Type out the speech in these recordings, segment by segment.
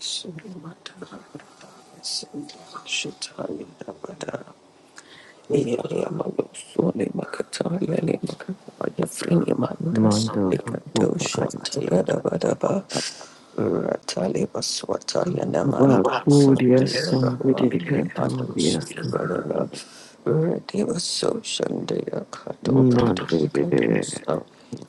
Sundamata Sundar Shitali Damata Ratali Mando Kupadi Abakuriya Sundari Kanturiya Sundara Mande Dede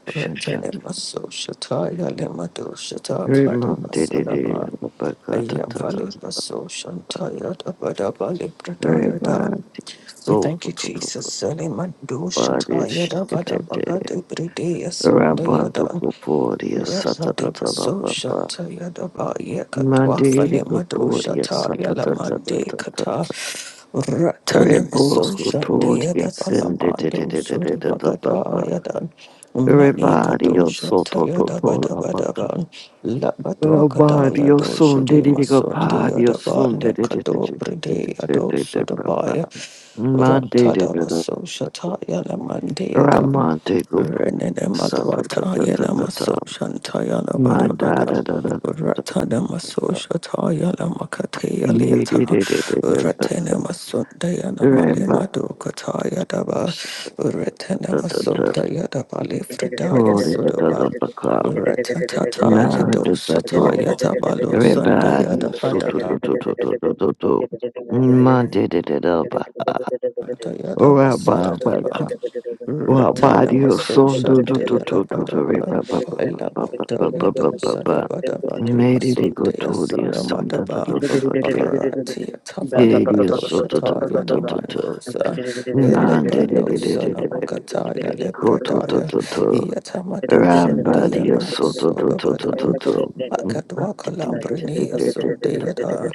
Shadra Retene maso shata ya le mato shata mare Remande Dede basaraba. Abakata Aya Tata falu baso shantaya da bada bali prataya da. Remande We thank Soto you, Toto Jesus. Toto Saliman do Bari shataya da bada Shitete baga de brede yasunda Rabando yada. Kupuriya Sata Rasadi Tata Masosha Baba Tayadaba Yakatwa Mande Fane Madosha Kupuriya Taya Lamande Sata Kata Ratana Reboso Masosha toria Deyadaba sende de de Lamando de de de de de ba ba. Suribagada Yadan Mane Rebario Kadosha soto to to Tayadaba la ba ka. Dabadaban Labadwa Kadaya Rebario Dosha son de De de de ga Mason pario Deyadaba son de de de de de Nekado de de Bride de Ado de de ba ba. Sudabaya Mande de de Ratada de de Masosha ba ko. Taya Lamande Yadan Ramante go po. Renene Sa da da Madwata da da Yana da da. Maso Shantayana Bada Manda Bada da da da da da da Ratana Maso da. Shatayana Makataya Me Liata de de de de de ba ba. Ratene Masundayana Male madu Madukataya Daba Retene Rebario. Masundaya Dabali Thank Fridaya Glory to the Sudaba Lord, Baka. Ratatata Now Yado the battle. Sataya Tabalo Everybody so Sundaya to to to to to to to to. Monday the the the ba. Dayada Ora ba ba Basadaba ka. Ora Retana body so Masosha to to to Dayada to to to re Badaba ba ba ba ba ba ba ba ba ba Elabdayado ba ba. Sadabadaba De Mary the go Masundaya to the son the the Salamadaba the the the ke. Ratia Tavaleva Mary so to to to Doshataya to to to. Namandosa Monday the Elebano the the the the the the. Sanamakataya Go to to Lebradaya to you. to. Thank Yatamado Shandaya Rambadia soto to to to Namasodabada to to. you. Makadwa Kalambrini Asundayada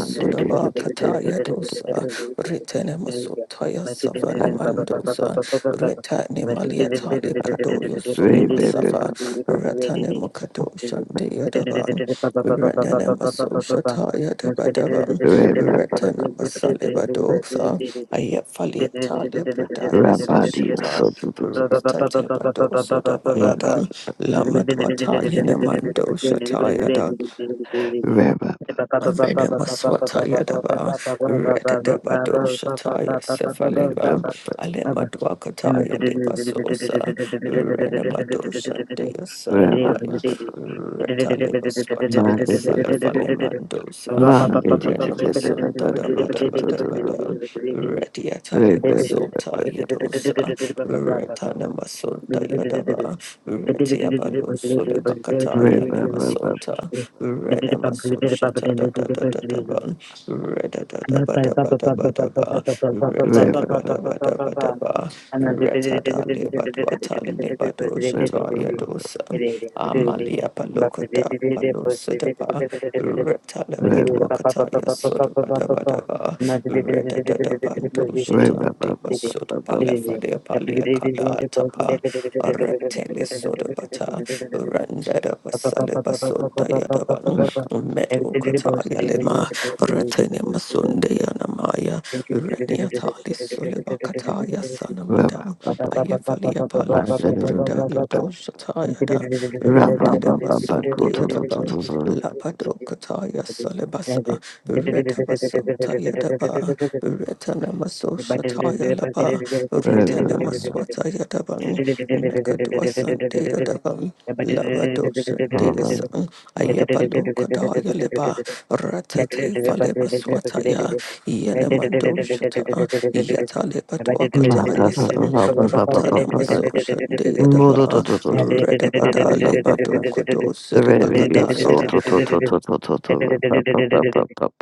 Sudaba Kataya Dosa, Ritene Masutaya Savane Mandosa, Ritane Maliatali Pradoyo Solima Sava, Rambadia Ratane Makadoshan Deadaban, Renene Masoshataya Debadaban, Retene Masaliba Dosa, Ayafali Tali Pradaya Soshata, soto to to to. Retate Badoso Dabayadan, Thank Lamadwata Yene Mandoshataya Rabba, Venemaswataya dava, Reta deva doshataya sefaleva, Alemadwakataya deva sosa, Renemadosha dea rabba, sanamaya, rabba, Reta leva ma swataya de de ba go, salefalemandosa, ma de de de de de de Renemasota ba go, dava to dava to to dava to dava, to, Retiata leva sota yedosa, Retana masota you. yadava, Thank Sulibakataya Limasonta, Renamasoshita da da da da da ban, Reda da da ba da ba da ba da ba, Reta da ba da ba da ba da ba, Rambadia Reta da Libadwata The Libadoshita Yadosa, Amalia Palokata Palosidaba, Reta Libadwakataya Soda ba da ba da ba, Reda da da Bandoshita Deva Soda Palia Kala Tapa, Rectelisodabata, you. Randada Thank Basalibasodayadaban, Metal Kataya Lima, Retinimasundayanamaya, Reniatali Sulibakataya Sanamada, Ayafalia Palu Sobreda Yadoshatayada, Randada Masundayadaban, Labado Kataya Solibasa, Retabaso Yadaba, Retanamaso Shataya Laba, Retanamaswata Yadaban, Mekadua Sante Yadaban. Lavado Sunday Sun, Ayabalo Kadaya Leba, you. Thank Ratate Faleba Swataya, Yenemando Shata, Yataleba Dwakataya Sun, Ratanamaso Sunday Daba, Redabada Leba Dokodo radio so Seribakadaya. to to to to to to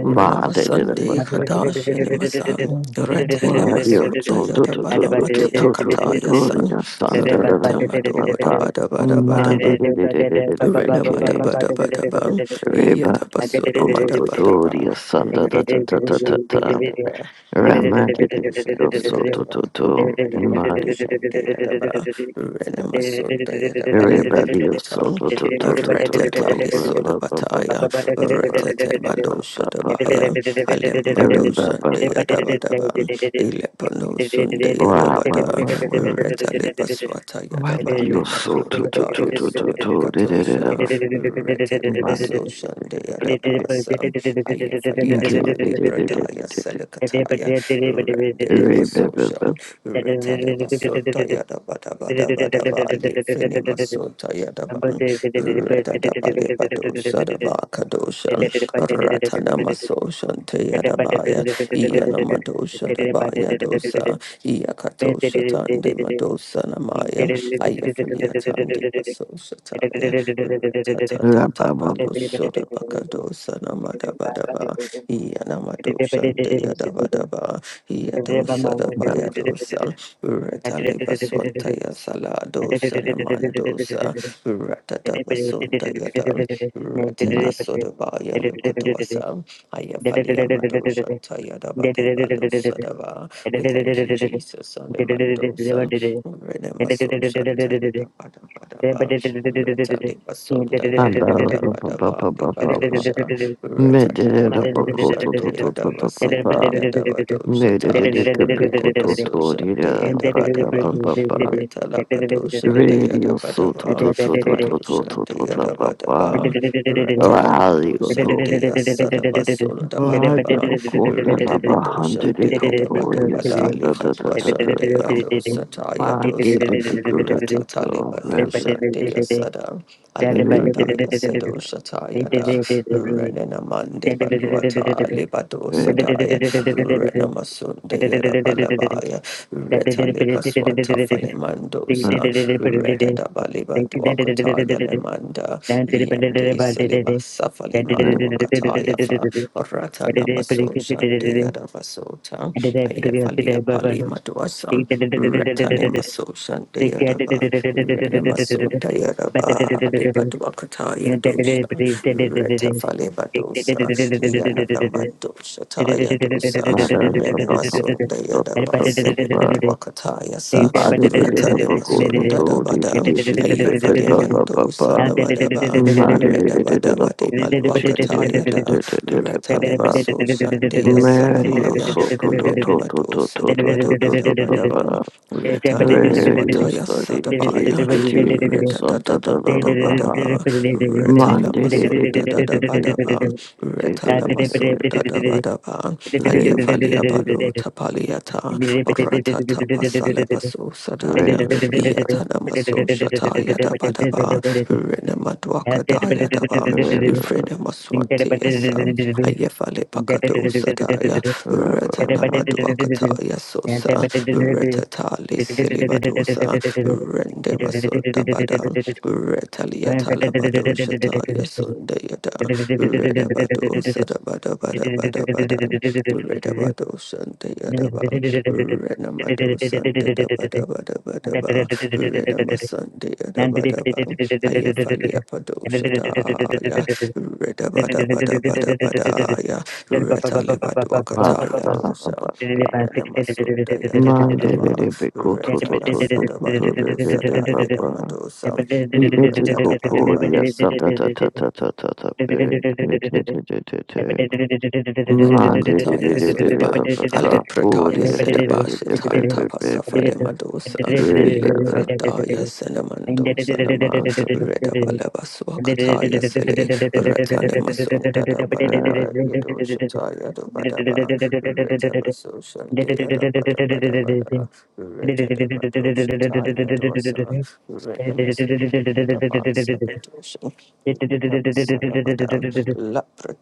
Ranamasande to Kadash and Masan, Retele Why you're Masuda so to Yada to to to to Balamati to to to Akataya to San, your son da da da da da da Retamado, Bada Bada man Bada did di did di did di di di Rena mata di bada bada bang, yata everybody basuna so to mata to you. bada to bang, your son da rena da da Thank da bado da da shante da yada ba, rena raman did bado di di di di shante so yada to ba, to to rena man bado did di shante yada ba, did di did di rena masunda yada everybody so to to to to to to ra sole ba ba ba bataya, ba ba ba ba rete ba te ba bado ba shada ba ba baya, alem bado everybody ba ba ba ba ilepano sunde yada ba ba bada, ba ba Retale Baswata Why Vale, yadabali Dios, Lima so to to to Dokataya to to to de de de de Solebakatosha de Retale Mari Basosha De peki Yadabasa inki Ayafaliata de de de you. pe Lepradaya ke ke Selekataya Rende de de de de de de de de de de re be be Masosha be be Retale Basota Yadabada Bada Bada Bali Fini Masota Yadaban Retadabale Badosa Dabakadosha Ratana Masosha Yadabaya, be Yanamadosha Dabaya Dosa, Yakatosha Tande Thank Madosa Namaya, Ayafaliatande Pasoshataya, ra ba Ratatata ba ba Palosoda Bacadosa Namadabadaba, Yanamadosha Deyadabadaba, Yadosa ba Dabaya ba ba ba Dosa, Retaleba you. Swantaya and Saladosa Namandosa, Ratatabason Yadam, Retele ma Sodabaya Lukutuasa, Ayafalia Madoshan Tayadabate Balu Sodava. We thank you, Jesus, on the Mandosan, Renemasosan Tayadabadabadaba, Retele Basunda anda ba ba ba Yadabadabadaba, ba ba ba ba Libadosha, me de de de ba ko Retadabadosha, to to to to to ba Deyadabasenta ba me de de Yadabadoshata, de ka pe ko to to Redabasosan de de ba ba ka ba Deyadabadaban. ba ba Retalabadosan re de Dios, so to Yadabadaba, to to to to to to Madosan de to ba ba Yadabadaba, Thank Retalabadosan Raligoto. de Asadabasun Raga dabadaba Retalabadosandeyadabadaba, Okonda Laba Handede Koporia Madosandeyadabadaba, Sanda da da da da Retalabadosandeyasadabasundabadaba, da. Mande de Retabadosandeyadabadabadalibadwasandeyadosatayadosa, Pagoda to to. Rabbit. Retatalibadosandeyasada, Rabbit. Alepradaya sedo Shataya da, Renenamande Baluata Rabbit. Libadosadaya Renamasunde Kataya, Retalipa Swata Falemandosa, Retadabaliba Duakataya Lemanda, Yande Seliba Safali Rabbit. Maluakataya Fa, Ratana Maso Shande Yadavasota, Ayafalia Pali Thank Maduasan, Retane Maso Shande Yadava, Renamaso Dayadava, Liba Duakataya Dosa, Retafale Badosa, Yanana Mandosa Taya Dosa, Mada da da da da Renemasunda da Yadaba da da da. da. Sebatwakatayasa Made de de da Pagoda Ratanimasunda to. De de Dabada de de de de de da da Ayafalimando da da. Sandabadaba Made de de de de da Redabadaba Pagoda. de De de de de Malwakatayada de de de de da. da. Ratanemaso Sandia Mario Sanamaya Soto to to to Renemado to to to to to to to Sudabadabadabadaban to Radio Retalemaswataya Study Sadabaya Tigity Santa da Thank da you. da Baha Retadadabadabadaba Monday Retalamasunda Dadabadaban Sunda Da Dadabadaba, Ayafalia Balu Tapaliata, Ratata Pasalabasu Sadaya, Yatanamasu Shata Yadabadaba, Renemadwaka Dayadaban, Ifrenemaswati Yasam, Ayefale Pakado Sadaya, Retanamadwakata Yasosa, Retatali Silibadosa, Rendemasunda Badam, Retaliata Labado Shata Yasunda Redabado Sadabada Bada Thank Bada Bada Redabado Santa Yadaba Renamado Santa da Bada Bada Bada Ba Renamasante Yadabada Ba Ayafalia Pado Sadaya Redabada Bada Bada Bada Ya Retalebado Akataya Dosa Renamasunda Yadabalaba Monday go to to Retala to to to Sadaba to Yedo Rebebe Sadaya Papa Namadosa E Etico Retada Poria Santa da da da da da and da Madwakataya Suleba, Aliprataya Sedabasha Tanta Pasafale Madosa, Likrataya Senamando Sanama, Redabaleba Swakataya Sele, Ratane Masunda Dabadeba, Yedo Shataya Dabadaba, Retabaso Shantia Dabadabadabada, Retadabado Shataya Dosa, Redamas Yadabas, Rabasarabada,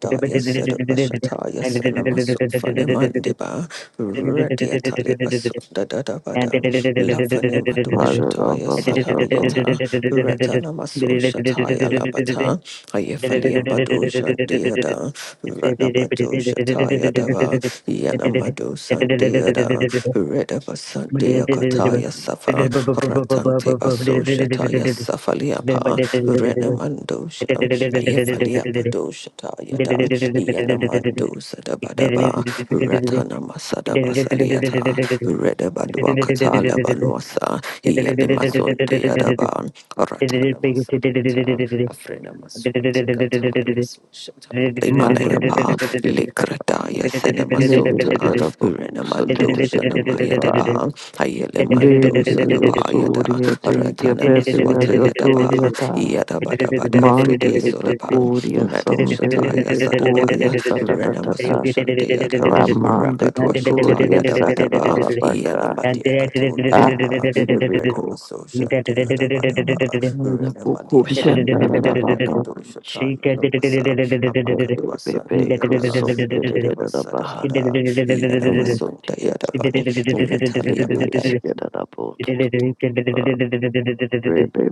Thank Sedabashataya Sanamaso Fanemandiba Radia Talibasunda Dadabada Lafanemadua Shataya Salayeta Retanamaso Shataya Labata Ayefaliam Badushan Deada Ranabadu Shataya Dava Yanamadu Sandeada Redabasandia Kataya Safa Ratante Baso Shataya Safa Faliapa, Renamandosha, Ayafalia Padosha Tayadan, Yanamando Sadabadaba, Ratana Big Masadaba Saliata, Redabaduakata Labanuasa, Yanimasunde Adaban, Ratana Masadiata, Afrena Masuatika Taya Sushata, Limanayapa, Likrataya Senemasota, Renamando Shanamaya Daba, Ayalemando Sadabaya. Ratana Maswata Yadaba Yadabadabada Fride Mandele Sodabang pecuria, Metal sondele de Shataya Sadabaya pecuria, Renamaso ta Shandeyadan Ramande Rakatwa coturia, Shataya sarada Dabadaba la baca. Yanamadia Katul Ah, Yadaba did it be cool? Renamaso Ding In the Shandeyadabadaba mighty Renamadia Tali Bradaya Katul Shataya Lomasa Amakadwa Sandeyada Redabasadabada Yanamasun name. Dayadaban Retalia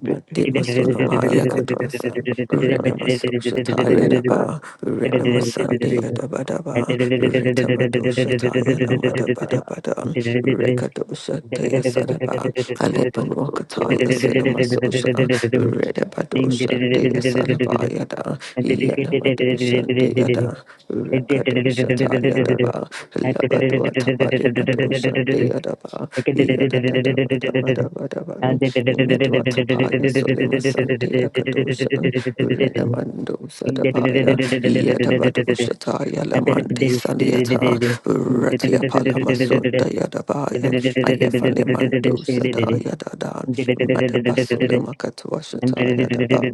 Mandi Masunama Yakadumasan, Renamaso Shataya Re Daba, Renamasande Adabadaba, Retamado Shataya Namada Badabada, Rekadosha Tea Sadaba, Alepano Kataya Senamasosha, Redabadosha Dea Sadaba Yada, and dedicated Yenamadosha Deada, Rekadosha Taya Daba, Labadua Tapali Bado Sunday Adaba, Yadadabadabadabadaban, Medwa Tapaya Solima Sunday Akadosan, Renamando Sadabaya, Yadabadoshataya Lamandi Saliata, Ratia Palamasunda Yadabaya, Ayafanemando Sada Yadadan, Madabasulima Katuashataya Daba.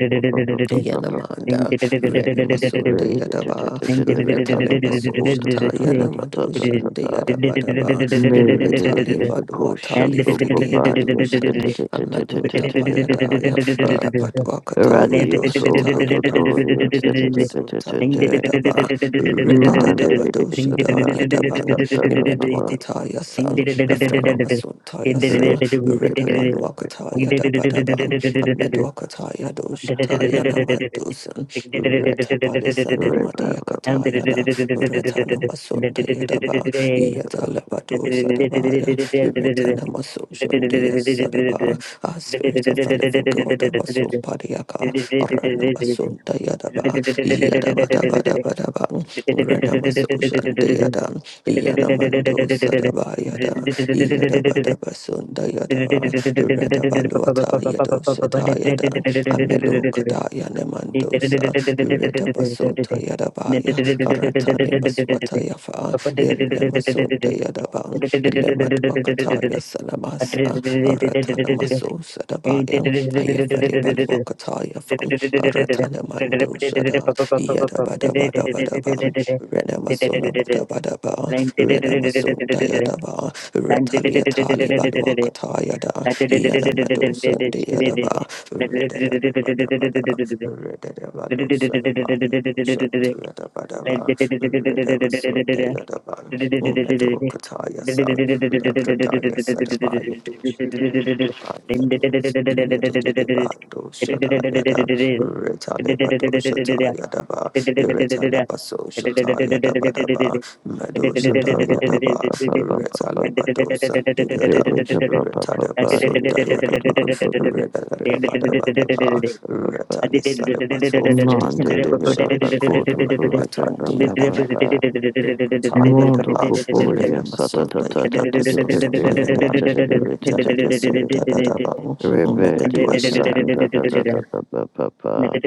Yanamanda, Renamasunde Yadaba, and Retalebaso Shata, Yanamado Shande Yadabadaba, Radio Retalebadwatali Fride Kadosha, Amado Tapayadaya, Labadwakata Yado Soul Shata Yada, Tototorius Retamasotande Yadaba, Minded Redadabado Shada Yadaban, Medwakata Yasan, Afrenamasunta Yasa, Yadabadabam, Amedokataya Doshataya Namandosan, Reta Palisana Madia Katayana, Retana Masunda Yadaba, Thank Yatalabado Sadabaya, Retana Masundia Sadaba, our Spirit of the Living God, Abasum Padiaka, Arana Masunda Yadaba, Yadabadabadabadabam, Rena Masundia Dam, Yanamando Sadaba Yada. Yadabadabasunda Yada, Radabaluata Yadosata Yada, Amelo Kadaya Nemandosa, Redabasota Yadabaya, Aratani Maswata Yafa, Irne Masunda Yadaban, Ilemat Wakataya Line Salamasa, Aratana Maso Sadabaya, Ayafale Balwakataya Fam, Aratana Mando Sada, Yadabadabadabadabam, Rene Badaba, Renamasun Dayadaba, Retalia Tali Baluakata Yada, Yanamadosan Dayadaba, Redabadabada, Redabalosan Mayadosan Tayadabadaba, Redabasun Dayadaba, Umedo Kataya Thank San, Lepretaya Sadabaya Yadu, Yadu Bando Shadayada, Retalevado Yadaba, Iretalabaso Shata Yadabadaba, Medo Shata Yadaba, Retalibato Sandiyadan, the Retadabasunda Yadaba, Redadabadabadaba, body Retalisalibato Monday de Fridikadosha, vera bako to to de vera ba ba Ayabaduatandiyadan. ba. Mondo Katayadaba, cuporia Rena Masunda satatata Yadaba de de Sota pepe, Payadan, mutse de de bete de Retada pepe. Basota Dadaba, Rebedia Mekadua sanda da da da da ba ba ba.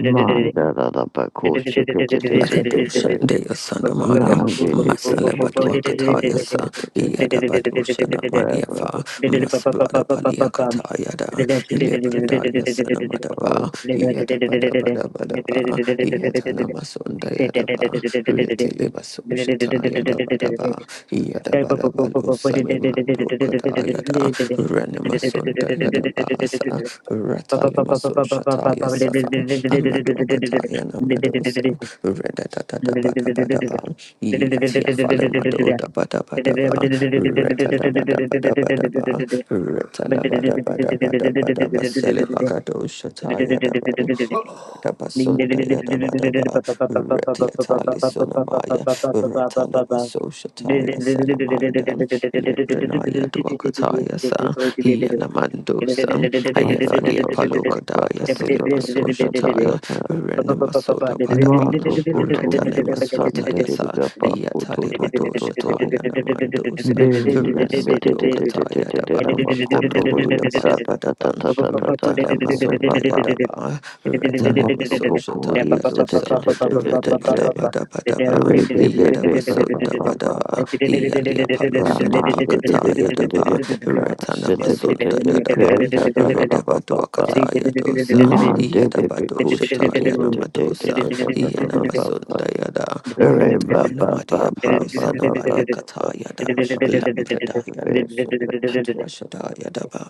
Manda da da bako shake de de de Mahedushan bete. Dea Sanamaya, Nandi de peke te Masalabadua te te Kataya te Sa, te te Yada Badushana te Maliafa, te Masblada Balia Katayada, Ilebradaya Sanamadaba, Yada Bada Bada Badaba, Yada Namasunda Yadaba, Retiliba Sushata Yada Badaba, Yada Bada Balu Samimando Kada Kadayada, Renimasunda Yada Basa, Ratalimaso Shataya Safam, Amadokataya Namadosa, Redadada Bada Bada Bam, Yatia Falamadota Bada da Ba, da ba. Retada Bada Bada da Ba, da ba da ba reta da ba da ba da ba da ba. reta la ba da ba da ba Retala Bada Bada Bada Bada Basele Bakado shata yada ba. Rabasunta Yadabadaba, Retiatali Sunamaya, Ratalaba Soshataya Salamanda, Lebrinaya Duakataya Sa, Yanamandosa, Manda da da Ayafalia da ba ba Palokadaya, ta ta ta Silima ta ta ta ta ta Soshataya, ta. Renamasoda Padaban, Mado Kotoria Santa Retanamaswataya de Sa, Baco to to to Yatalebado to to Shataya Namandosa, Beria Sete de de de de Renamadokataya de de da Daban, Ameluda Bacotoria Sata ta ta ta ta ta ta Badabadaban, ta ta Reba Masunda Baba Yadaba, Mm. Retane Mado Masoshata Koporia Sete Yadosa, de de de de Reta de Bada de Bada Badaba, Rebe Yadaba Bebe Baba Sunda Baba Badaba, Baba Yalia Palosa de Raman de de Pakata de de de de de Yadaba, Baka Retana Sete de Masunda de de Yadaban, Kerta da da da Reda ba ba ba Baduakata Yadosa, Man de de Yadabado Shata Bekushki de de de de de de Yanamadosa, de da da da da ba ba Yanamasunda Yada. Re ba ba ba Panamadia ba ba ba ba ba Palusanamaya ba Katayada, ba Lambradaya re Nosum Katwashadaya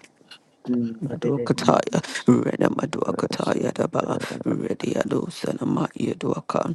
Madwakataya, Rena ba shi Madwakataya Daba, Ready Alusanama Yaduaka,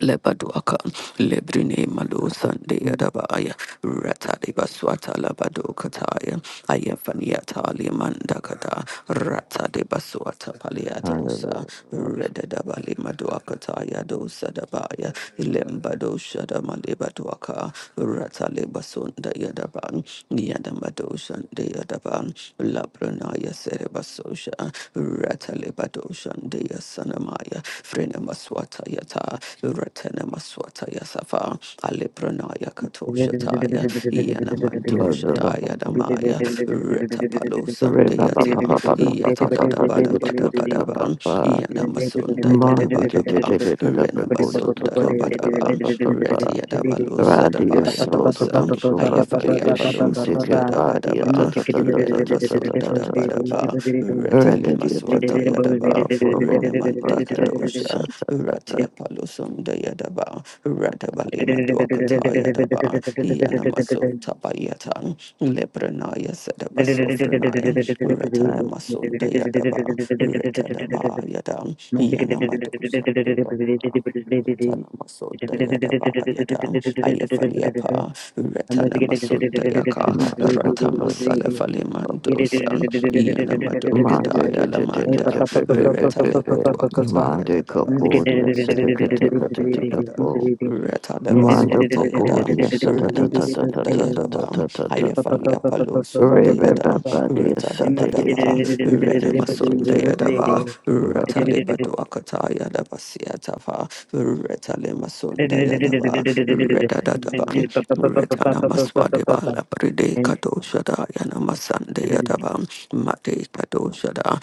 Lebaduaka, Lebrine Malu Sunday Adabaya, Rataliba Swata Labado Kataya, Ayafaniata Limandakata, Rataliba Swata Paliatosa, Redadabali Maduakataya dosa Dabaya, Lembado Shadamalibaduaka, Rataliba Sunda Yadaban, Yadamado Sunday Adaban, Labranaya Serebasosha, Rataliba Doshan Dea Sanamaya, Frenemaswata Yata, Ratana Maswataya Safa, Alipranaya Katoshataya, Yanamanto ba da da ba da da ba Shataya ba Damaya, ba. Retapalo Re ba ba ba Santayata, ba ba Thank ba ba ba ba Yata Dada ba da Bada ga da ga Bada Bada da ba ba Bang, ba. Yanamasunda Ma Dada da da Bada da Bang, da da da da ba ko to to Renamasunda to Dada re Bada ba ba Bang, ba ba ba. Retia Dabalo Ra di ya Sadabaya so to to Dosa, to to ba da Ayafalia ga Palo shi da ga Sunda Dada ba Bada di ya ta Bang, ta ta ta ta ta ta ta Renamasunda ta Dada ta Bada ta ta. Bang, Ra da Retale di ya ta ba ba Maswataya ba ba Daba, ba ba ba ra Renamante da da sa Kadosha, ta ta Ratia Palos sunda yadaba radabale madwakata yadaba yanamaso tabayatan lepranaya sadaba sofranaya ratana ta. masunda yadaba retadaba yadam yanamato sunda yadaba you. Ratana Masunda Yadaba I'm Yadam Ayafaliapa Ratana Masunda Yaka Monday, de- Ratama Salafalimandosa Yanamado Kadaya de- de- de- de- Lamanda be- be- be- be- Retale be. Patuakataya Monday, Kapodia, Dadaba Sedekatekatikapo. Mando Retadabaswantayada, Kapodia, Renamasun Dayadabam, Satatatatatatatatatatata. Ayafalia Palo Rebe Sundayada, Babadia, Retadabadaba, Renamasun Satatatatatatatatata. Dayadaba, Rabba, Retalibaduakata Yadabasiatava, Retalimasun Dayadaba, Redadaban, Retanamaswadeba Labride Kadoshada Yanamasan Thank Dayadaba, Mate Kadoshada,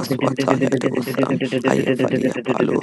Thank Yadosa, Ayafalia Palo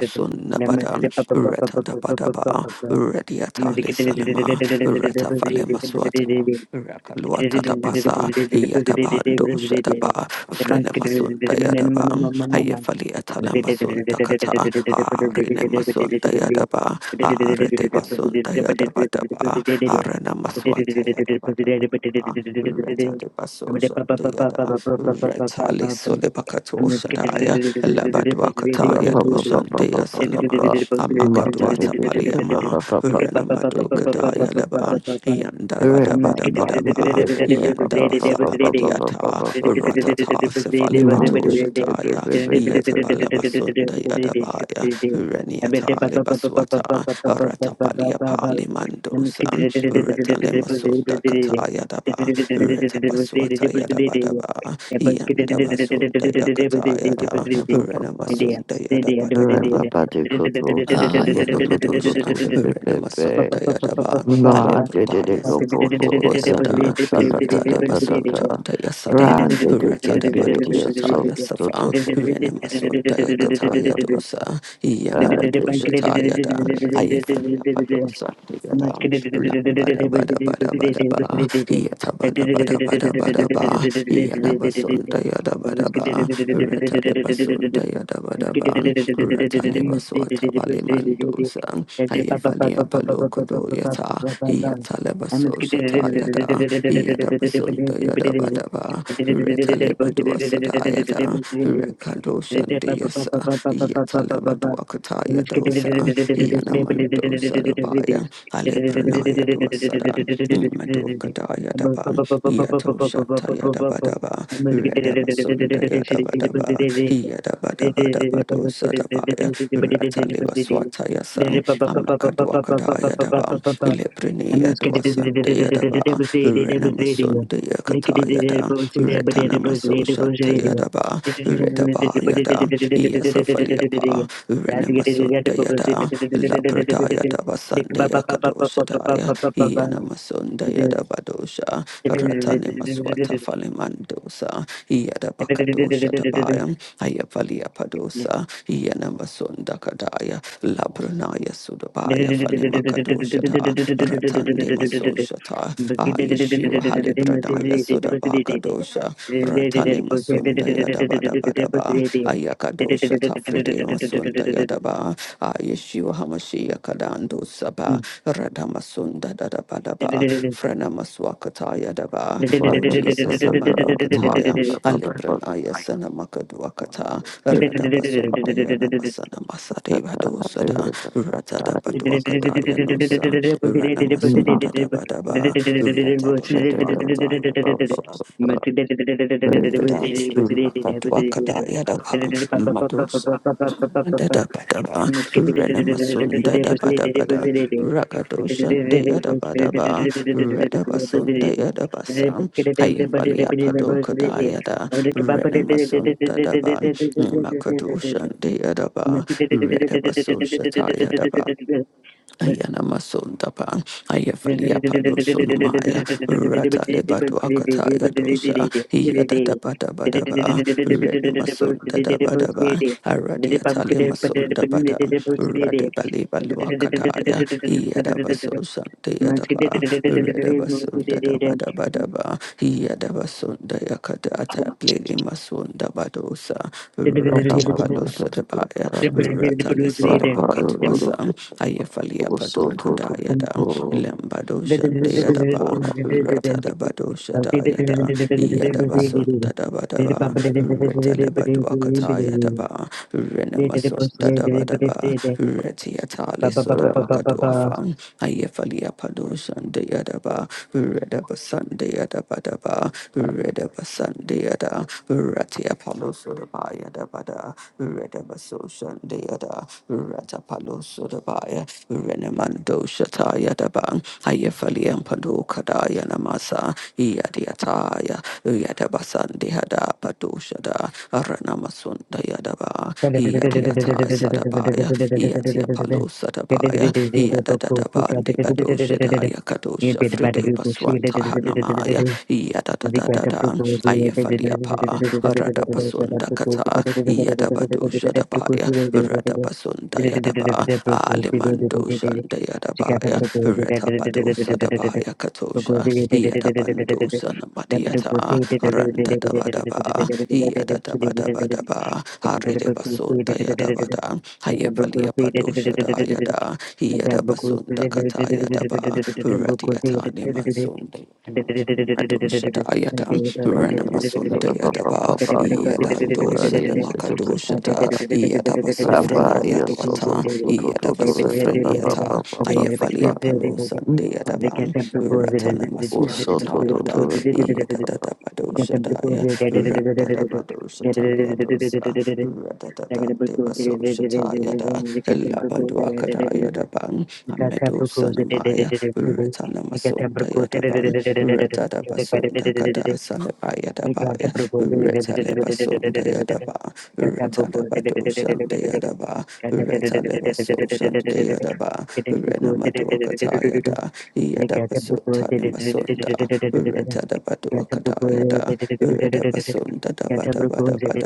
Nabada, Retta Dabadaba, Rediata Lisalema, Retta Valemaswata, Rakaluata Dabasa, Yadabando Shadaba, Frenemasunda Yadaba, Ayefaliata Lamasunda Kata, Arinemasunda Yadaba, Aredebasunda Yadabadaba, Arenamaswata Yadabadabadaba, Retta Debasosa Deada, Retta you. Lisolebakato Sadaya, Labadwakata rabba, ba- ba- ba- ba- Yado ba- ba- Sanama, ba. Mata- de- Amakaduata de- de- de- ba- Paliama, ba- ba- ba- ba- ba- de- de- Renamaduka de- de- Daya de- ba. Leban, I'm Yanda Run, Bada Bada Bada Ba, Yanda Basa Babadiata, India, Ratata Sefale Bato Shataya, Yatabala Basunda Yadabaya, Reniata Lebaswata, Ratapalia Pali Mandosa, Retale Masunda Kataya Daba, Retabaswata Yadabadaba, Yanda Basunda Yakataya Da, Renamasunda Yadabadaba, Ayana Madosha, Rena Masunda Yadaba, Alebrata Yasadokoto Yasada, Reta Lebaso Chanda Yasada, Thank Reta de Badosha Taya Safa, Rena Masunda Yakataya Dosa, Yana Madosha Tayada, Ayafania Padosa Yada, Lambada Bada Bada Bada Ba, Yata Bada Bada Bada Bada Ba, Yana Basunda Yada Bada Ba, you. Ratalebasunta I'm Yadabadaban, Ratalebaswatabalimandosam, Ayafalia Palokodo Yata, Yatalebaso Shata Yada, Yadabasunta Yadabadaba, Retalebadua Sadayada, Thank Rekadoshandiasa, Yatalebaduakata Yadosa, Yanamandosa Dabaya, Alebranaya Duasadan, Madokadaya Daban, Yato Yadabadaba, Redabasunda Yadabadaba, Yadabadabadabado Sadabaya, Rataliba Swataya Sam, Amakaduakadaya Daba, you. Thank Lebrinia Duasande Yadaba, you. Renamasunda Yakataya Da, Retanamaso Shantaya Daba, Redaba Yada, Yasafaliapa, Renamasunda Yada, Lapradaya Daba Sande Daya, Yanamasunda badosha. Ratani Maswata Falimandosa, Yadabakadosha Tabayam, Ayafalia Padosa, Yanamasunda Kadaya, Labranaya Sudabaya Falimakadosha, Ta, Ratande Masoshata, Ayeshua Halibranaya Sudabakadosha, Ratani Masunda Yadabadabadaba, Ayakadosha Tafride Masunda Yadaba, Ayeshua Hamashiach Kadando Radamasunda Dadabadaba, Frenamaswakataya Daba, Oh Jesus, Amalukataya, Alebranaya Sanamakadwakata, Yep. Radabasunda Yanamasana Masadeva I Dosada, remember body sort Ratadabadwakadaya of Nosa, Ranamasunda minded. Dabadaba, Should Ratadabadwakataya Dosa, yada rakatwa kada yada pa madus Dada bada ba, Thank rena masun dada bada bada, ragado shande yada bada ba, reda basun daya basam, haya falia pado kada yada, rena masun dada ba, makado shande ba, reda baso shata yada Ayana masunda pa ayafalia palo sonumaya rata lebadu akata ya dosa iya dada bada bada ba rena masunda da bada ba aradi atale masunda bada you. rade bali Thank balu akata ya iya da baso sante ya da ba reda basunda da bada bada ba iya da basunda ya kada ata plele masunda badosa radi palo sada ba ya Ratalisale Bakatwasa, Ayafalia Pado you. Kadayada, Lembado Shandayadaba, Retadabado Shatayada, Yadabasun Tadabadaba, Retalebatuakatayadaba, Renamasun Tadabadaba, Retiatali Sodabakaduafa, Ayafalia Pado Shandayadaba, Redabasan Deadabadaba, Redabasan Deada, Ratia Yadabada, Redabaso Shandeada, Ratapalo Sodabaya, Renamando Shata Yadaban, Ayefali and Pado Kadaya Namasa, Yadiataya, Yadabasandehada, Padoshada, Aranamasunda Yadaba, Thank Yadiata Sadabaya, Yatiapalo Sadabaya, Yadadabandi Badoshadaya, Kadosha Fride Baswanta Hanamaya, Yadadadadada, Ayafaliapa, Radapasunda Kata, Yadabadu Shadabaya, Radapasunda Yadaba, Alimando Shanda Yadabaya, Retabado Sadabaya Katosha, Yadabando Sanamatiata, Randa Dabadaba, you. Yadabadabadaba, Thank Haridabasunda Yadabada, Ayafaliapado Shada Yada, Yadabasunda Kata Yadaba, Radiatani Mansunda. Madoshata Ayatan, Ranamasunde Yadaba, Yadadosan it Makadoshata, Yadabasofrana Rabaria soto Yaduata, to to to to to re ba ba ba ba Yadabasofreniata, ba ba ba ba. Ayafalia Palosan de Yadaban, Ratana Mandiririririririririririririr. Masoshata Soto to to Yada, re ba ba ba ba. Yadadadabadoshadaya, Ratadabadoshataya dosa, you. Thank Radadada Devasoshata Yada, Labaduakadaya Daban, Amedo Sanamaya, Retana Masundaya Daban, Retada Basunda Kada Salabaya Dabaya, Retale Basunda Yadaba, Retada Badoshan de Yadaba, Retale Basoshan de Yadaba, you. Renamaduakataya da, They Get up the poor, they Yadabasotani did it, did it, did it, did it, Masunda, did it, did it. Retada Get up the poor, Baduakadaya they did it, da, did Redabasun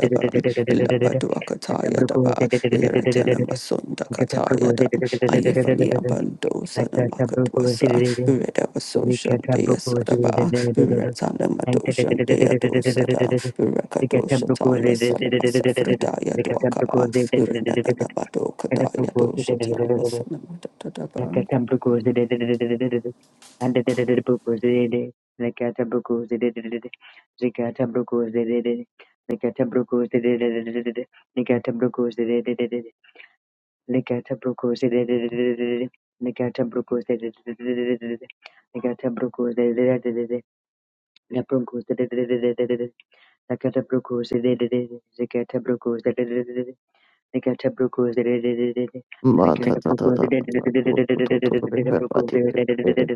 it, did it, did it. Get up Labaduakataya the poor, they Daba, did it, did it, did it, did it, did it. Iretanamasun Get up the Dakataya poor, they did Dan, it, did it, did it, did it. Get up the poor, they did it, did it, did it, did it, Ayefani did it. Abando Like that, up the poor, Sanamakadwasa, did it, did it. We Redabasoshan get up the Dea poor, they did it, did Sadaba, it, did it. And did it, Retanamadoshan did it, did Dea it, did it, did it, Dosada, did it. We get up the poor, Rekadoshataya they did it, did it, did it, did it. We get up the poor, they did it, did it, did Salamasafridaya Dwaka, it, did it. Renanabado Get up the poor, Kadaya they did it, did Doshataya it, did it. Like a Sanamadadaban. temple temple temple temple temple temple temple temple temple temple like like like like like like like like like a a a a a a a temple goes like a temple goes like a temple goes Thank Ma ta ta ta ta ta ta. Ko to to to re ba ba ti ti ti.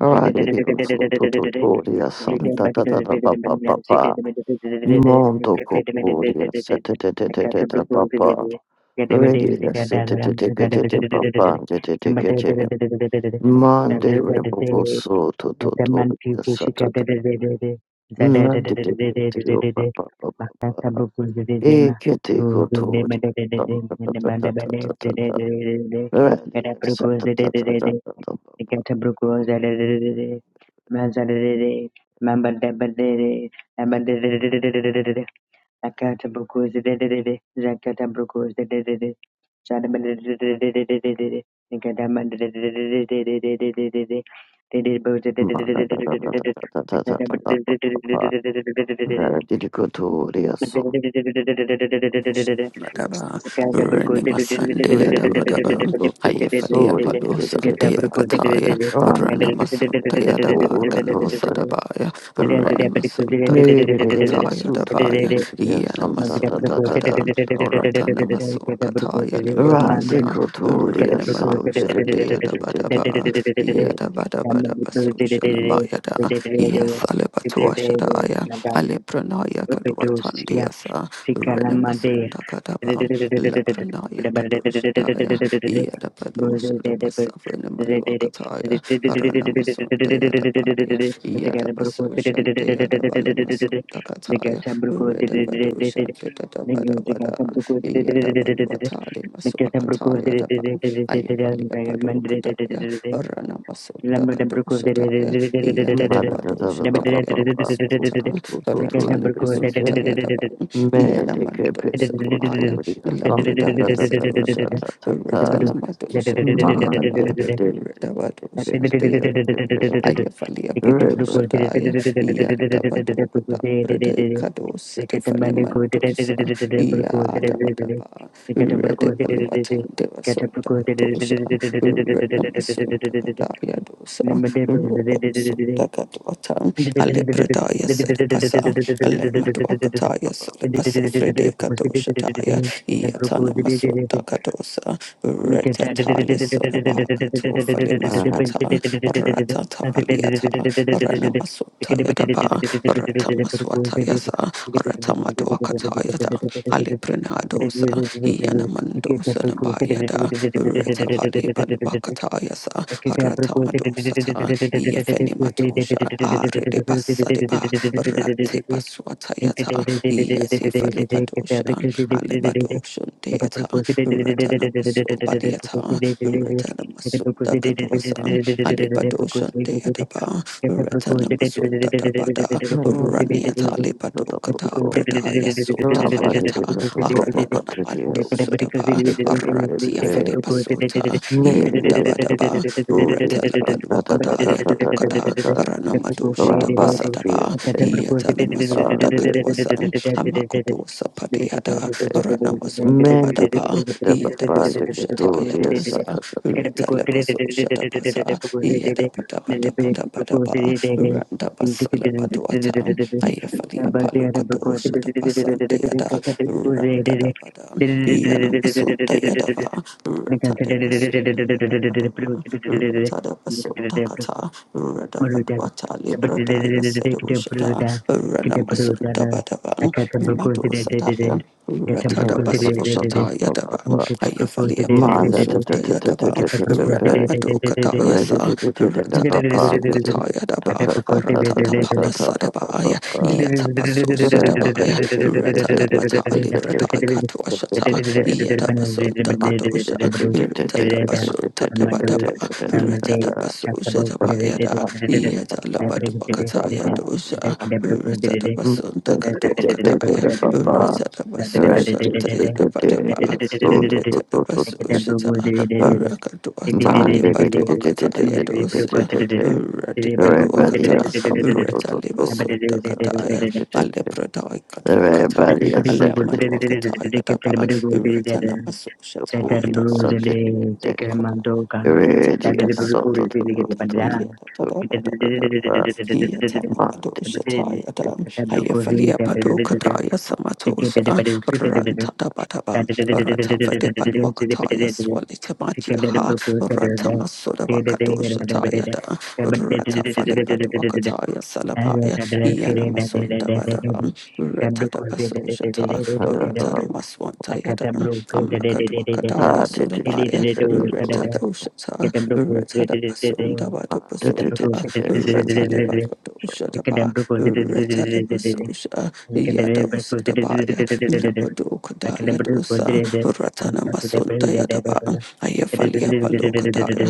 Rariririo soto to to ria san ta ta ta ta ba ba ba ba. Mondo copuria se te te te te te te ba ba. Ririria se te te te te te te ba ba te te te te te. Mande re bo bo you. soto to Itamanti kushika to dedededede, Yes, zadadadadadadadadadadada, makasabuku zededema, uzudema dededede, nebandabade zedededede, edabruku zedededede, ikatabruku zadadadadadada, mazadadadada, mambadabadede, nabadadadadadadadadada, akatabuku zedededede, zakatabruku zededede, Thank Daba Renima Sandia Daba Daba Ayafalia Palo Sandia Kataya Renama Sundaya Daba Kanusa Dabaya Renama Sunda Katapakataya Dabaya Yanama Sunda Bada Oratana Masua Kataya Rande Limadosa Thank kotoria Renama san de Dosha de de Dea de de Daba de de Daba de. Yada Bada Bada Basusha Namayada Yasalebatuashadaya Alepranaya Kadwatandia Kadaba, Renamasunda Kadaba, Labranaya Kadoshadaya, Yadapadosha the Basafina Maluakataya, Ranamasunda Yadabaya, Yadabasoshan de Yadabalemasunda Kataya, Redamadoshan de Dadabadabada, you. Yadabaluatali Thank you. Masuakataya Daba, Ayavalia Padokadaya, Ranamasunda Kadoshataya, Mara da da da da ba Yadabadoshataya ba ba. Tu tu tu tu tu Namaswata, de de de Maswata de. Yadaban, Me de ke Yanamando pe Sanamaya, kotoria san da da Lapradaya da da da Sedosha, da da da da. Retanamadosha Ma de Tayadaba, de de de de de de de Redavadosan de de de Tayadaban, de. Ayafalia Re ba Padosha Daya, Yandabadoka Prade Kados, Number Tiffany Mantosa, Yadabadaba, Redevaluatan Devasunda Katosha, Redamasunda Kadaya Fridaya Sedibasa, ba Lemadwakataya ba ba. Solibasa Fride Kadoshataya, Yatana Masota Kadosa, Retatali Sodabaka Tofali Ah, Maswata, Ratata Paliata, Rana Masota Yadaba, Rata Maswata Yasa, Rata Madwakata Yada, Thank Alibrinadosa, Yana Mandosa Nabayada, Reta Pali Balwakata Yasa, Rata Madosata, Yefenimato sha are de basa de basadeba rate paswatayata yeti falibadosha alebadosha deata ratana maso badiata ratana masunda kadwasa alebadosha you. deataba Thank ratana masunda dabada no, no, no. raniata Da da ba lebadokata ba. prada yaso Ra ba de tapayata de ka to ba ba ba aranana te te ya mando se. sadaba aratia falebasota Ready yandabadaba ratala Okada Yade Okada Ranamado Shada hiya Yatane Masunda Katwasan you. Hamakudo Sapadiada Ranamasunda Badaba Yada Baso Shata Yadosa Retale Baso Shada Basa Yada Bada Bada Bada Bada Ba Randa Basala Baduata Ayafalia Palukado Shada Basande Yada Randa Da Bada hiya namasunda Masunda Thank Yadaba Ratale Basunda Yadaba Ratada Basunda Kata, Radabadwata Libradaya Sedushata, Ranamasunda Badaban, Mado Sataya, Ratada Basushata Yadaban, Ayafalia Palo Sunda Yadaba, Ranamado Kataya Sa, Ratada Basukata Yadaba, Aratata Get Palasadabaya, Yatapaso Sadabaya, Ratada Bata Libradaya Katwashata, Yatabasunda Kadosha, Thank Retipaluakata, Alepradoikatuakata, Everybody is set to Alemadwakata the Yadaba, Retanamaso Shataya body, is Daban, something. Mendo Kaba, Radios Ratadabadabadaba, Yadabadabadabadaba, Yatanamado Shataya Dam, Ayafalia Padokataya Samatosha, Rantadabadaba, Ratafade Palwakataya you. Thank Swalitamatia, Rantamasula shataya Tayada, Ratafale Padwakataya Salabaya, you. Iana Masunda Badabam, Ratadabasosha, Swantayada, Amakadwa Kadaya Sodabaya, Retada Ushata, Retada Basunda Bada Basunta, Retaleba Kadoshataba, Retaleba Sosha, Yada Usadabaya, Napado Kadaya Dosa, Ratana Masunta Yadaba, Ayafalia Palokadaya,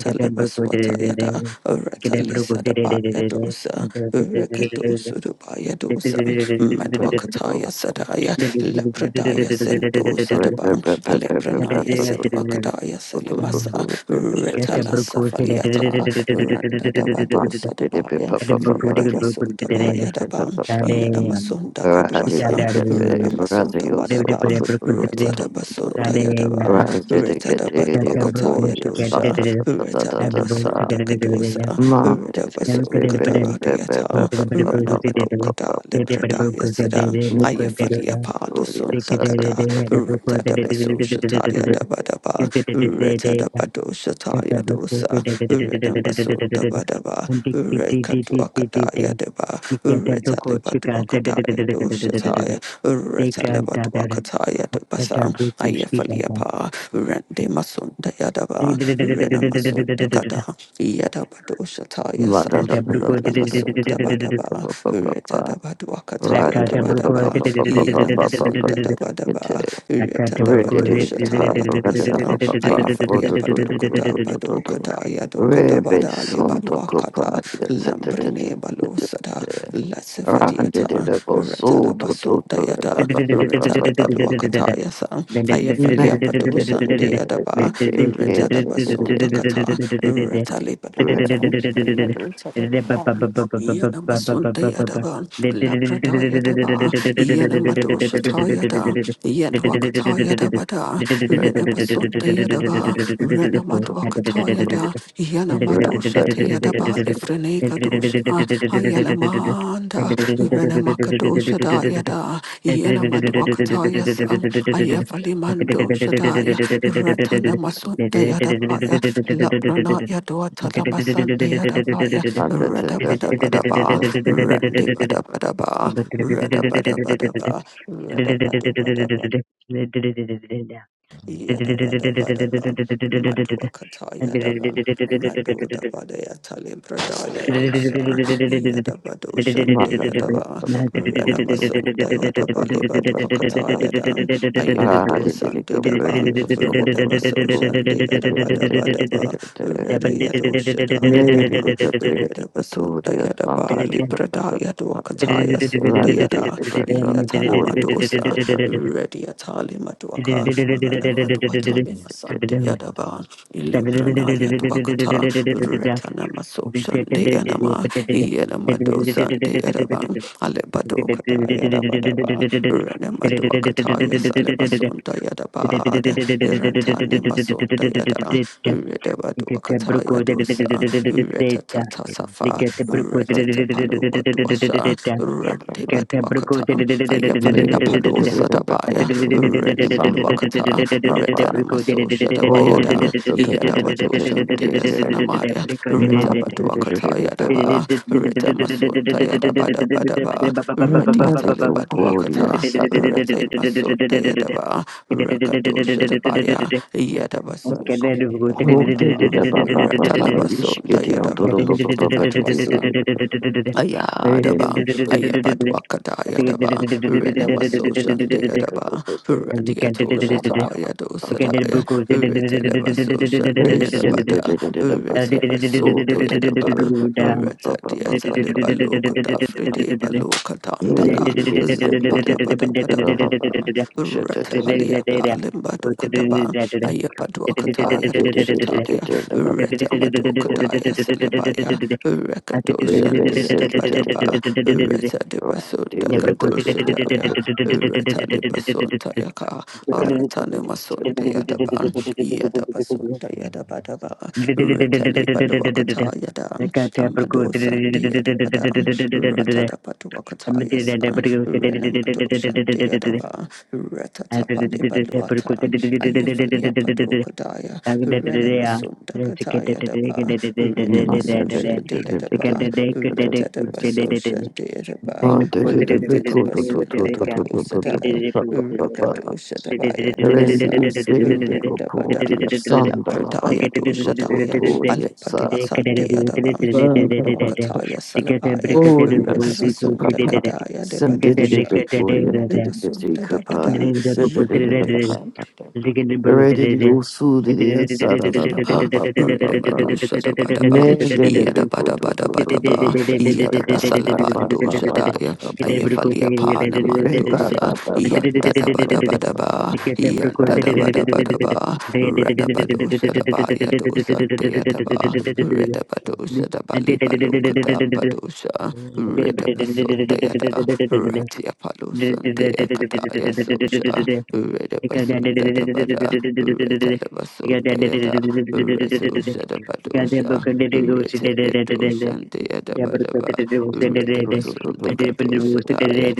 Thank you. Swatayada, Retalisadabaya Dosa, Rekadosudabaya Dosa, Madwakataya sadaya lepradaya sento sadaban alepranaya seduakadaya salimasa retala sefaliata randadabado sadabaya redabaso dabaya daban yanamasunda kaduasa renamasoda badaba retadabasunda yadaba Rante de kete de, retadabaduakataya Obodia dosha Santa da da da da da retalamasunda kadosa Mante de de redabaso be Take be be be kadariata Bebe Bebe Baba Baba Baba Baba pradaya sada ayafalia palo Neodoria sunta Santa kata da da da rita da da baso shataya da badaba rita da bado shataya dosa rita basunta badaba rika duakadaya deba rita lebaduakadaya doshataya rita lebaduakadaya basa ayafalia pa rende masunta yadaba rina masunta kada yadaba doshataya La sa da da da da da rina da da da da masunta Dabadaba, Baba Baba Retadabaduakataya Rante de Baba Dabadaba, Baba Baba Baba Yanamason Baba a Gete Dadabadaba, Thank Rante de Retadabadoshataya Baba Rante de Dabasa, Baba Baba Ayafalia Rodo do do do do Padokuda, do do do Badokadaya Rebe Dokadabada, Santo Lebaluakada, Copari Santa da da Lambrine da Balusada, da Ah, did it Latsefadiata, go Retadabasun Dayada, Retalabaluakataya Sam, Ayafalia Padosan Deadaba, Retadabasun Dakata, Retalibaluatan, Metal Tata Yanamasun Dayadaba, Labrada Yadaba, Yanamadosha Tayada, Yadwakata Yadabada, Renabasun Dayadaba, Renamadwakata Yada, Thank Yanamadosha Tayadaba, Ifreneka Dosha, Ayalamanda, Shada Yada, Yana Madwakataya Sam, Ayafali Mando Shadaya, Ratana Masunda Yadabaya, Labrana Yadwatala Masanda Yadabaya, Radabadabadaba, Randi Badabadaba, Radabadabadaba, Radabadabadaba, Yadabadabadaba, Maduakatayadaba, Thank Madodabadayatalibradayadosa, Yadabadoshandayadaba, Renamasundayadabalibaduakatayada, Ayamadosandidaba, pretty or so? Did Redabasoshandayadabadabadaba, Redayadoshadayadama, it go pretty? The Tory Did Santa. Oh, did it, Redabasundayadabalibradayaduakatayasundayada, papa, Yatanamadosa, ready atali maduaka rana maduatali masande yadaba ilebrana yaduakata retana maso shande yanama yanamado sante yadaban alebado kata yadabadaba rena maduakata yasalebasonda yadabada irantani masonda yada redabaduakata yadosa retatata safa retete paluka duasa de batuakata ayapali apado sadabaya reni maluakata retana maso shadabayada yadabado shante sanamaya reta batuakata yadaba Down. reta masunta yadabada badaba reti atale baduakata rete masunta yadaba rakato shadabaya yadabaso shante yadabadaba reta papa, you should labasunta get on to the yadaban papa, papa, did it, matwasa Made Ayadaba, Ayabadwakada Yadaba, Renemasoshan Deyadaba, it. Radiatosha Mother, Tapayado Sadaya, Retelebasoshan Deyadabada, Retibasun Deyadaba, Reta Diatalibalokada, Fride Debrku, Balokatandara, Lambada Bada Bada Bada Ba, Retahalia Palimbadokadaba, Ayapadwakataya Doshataya, Retamadokadaya Salabaya, Rakadoshan Deada Badaba, Reta de Basunda Kadoshadaya, Reta de Basunta Yaka, Aratana Masunda Yadaban, Yada Basunta Yada Badaba, Reta Libaluakata Yadam, Amado Sandi Yadabadam, Rata da Patuakata Yasa, Renamado Shandi Yadaba, Reta Tapali Thank Baluata, Ayafalia Padokadaya, Namasunda Kataya Daba, Redabasoshan Deadaba, Retadabasoshan Deadaba, Retabasunda Kadosadaya, Rekadoshadabaya Ready, Dosa, Rendabada, Labradaya Doshadaya, Alepadua Sandeadaba, Madwakataya Salabaya, Retabasunda Kadaya Debadosha, Renamasunda Dabada, you. Yanamadoshan Deba. Thank Yadaba, Redabado Shadabadaba, Yadabadabadabadaba, Yadabasalabando Shadaya, Ayafalia Panamandosa, Yandadabadabadaba, Yandadabadabadaba, Radabado Shadabaya Dosante Yadaba, Redabado Shadabali Balokadam Badosha, Redabasun Ratia Palusundia Kataya you. Sosha, Gada bakosi Redabasunda Dabada, Retalabasundayada, Retusha Dabadosha, Retabedoshandia Dabadaba, Redabasunda Kadosha Daya,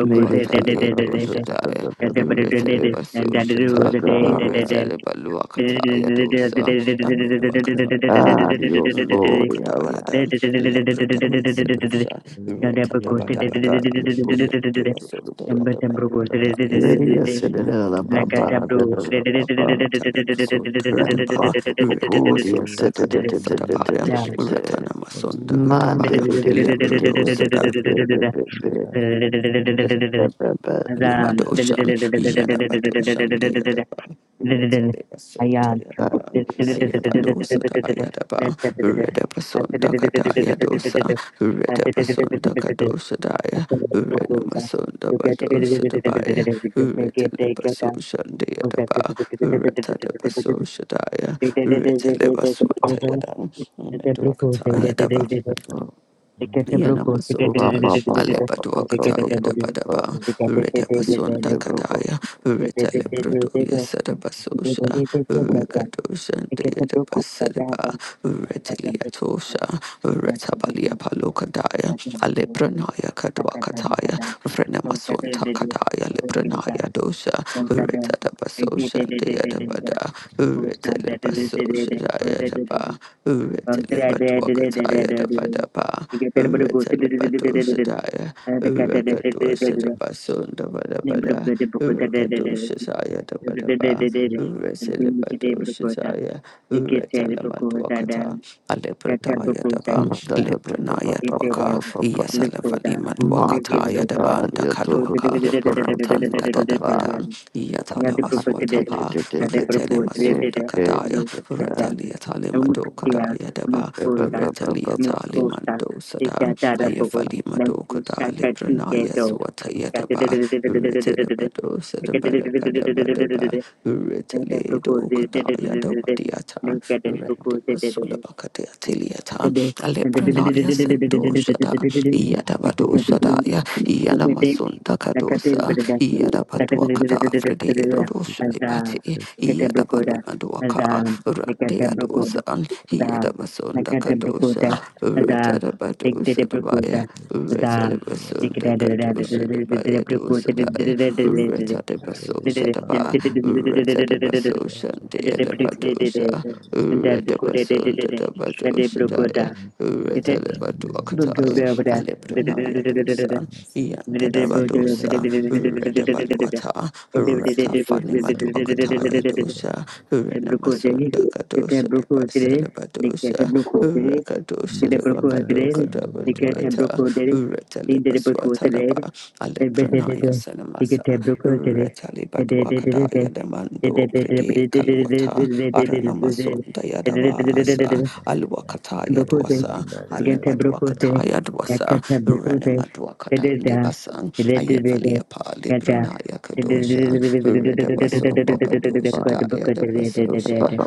Made it. Dosha Daya, Retalabasosha. Retele Baluakataya dosa, Amiluakataya nama, Ah, Dios, you. sorry, Medokadaya dan, Labradaya sedosha, Masalit Guravaita Retabadabadaban, Puriya Yendevasundaya dabalibrataya Ready, seda, said it, Masalitana Baba, Amiduakataya Blackataboo. dosa, Cinderella Baba, Retanamasundaya daba, Deita Grandpa, Kupuria, Redevasunda said Deita Nariya kadwasadabaya, Ayan. it, Retanamasunda Puriya Monday, kadabaya, Labradosada. Nanda Musa Madoshan, Yanabadoshan, Deyadaba, Retalebasota Yadaba, Ayapalosata Yadaba, Redapasunda Kataya dosa, Redapasunda Kadosa Daya, Renamasunda Badosa Dabaya, Retalebasoshan Deyadaba, Retalebasosha Daya, Thank Retalebaswanta Yadam, Meduakata Yadaba. Nanda Ready Yanamasota, to Alebaduakata, Yadabadaba, Redabasonda go, Kataya, Retalebrudo, Yasadabasosha, Rekadosha, Deadabasedaba, Retaliatosha, Retabalia Palokadaya, Alebranaya Kaduakataya, Vrenamasonta Kadaya, Lebranaya Musaiko Dosha, Retadabasosha, Deadabada, Nanda Musa Retelebasosha, Yadaba, Thank Retelebaduakataya, Dabadaba. you. Retalabato Shataya, Sukala Rakadua Shatabasun, the Badabada, Rakadu Shataya, the Badaba, Resilibato Shataya, Retalamaduakata, Sankare Aleprataya Daba, Lepranaya Dwaka, Yasalavani Madwakataya, the Banda Kaluaka, Ratanda Dadabada, Yatalavaswatapa, Retelemasunda Kadaya, Emukia Retaliatalimadokadaya Daba, Mukuta Mukuta Retaliataliman sada Tika Dada haya Bobo falima do Nancy kada Shaka librana Tika ya swata ya daba urete da bado sada bada bada bada ba urete le do kada ya atiliata librana sendo sada ya da bado Do the kadosa ya da bado frede do do Yate shudi bati ka rande adosa ya da masunda kadosa Sadabadusha Dabaya, Puriya Puriya Retadabasunda Kadusha Dabaya Dusadaya, Vasaya Puriya Retadabasosha Daba, Puriya Retadabasosha Puriya Deadabadusha, Retabasunda Dabadusha Thank Daya, Retadabatuakataya, Aleprenaya Dusa, Yantadabadusa, Retabaluata, you. Ratafani Matuakataya Dusha, Renamasunda Kadusha Dabasalabadusha, Rakadusha theater, Retalibaswatalaba, Broco Alepranaya Sanamasa, Retalibadwakadaya Demando Pride Kalwata, Aranamasunda Yadabasa, Alwakataya Dwasa, Gente brokute, Alebadwakataya Dwasa, yakata brokute, Renemadwakata pededa, Debasan, pededede, Ayefaliapa yata, Libranaya Kadosha, Redabasunda Kadosha kote Daya brokute, Debasosha, dededede,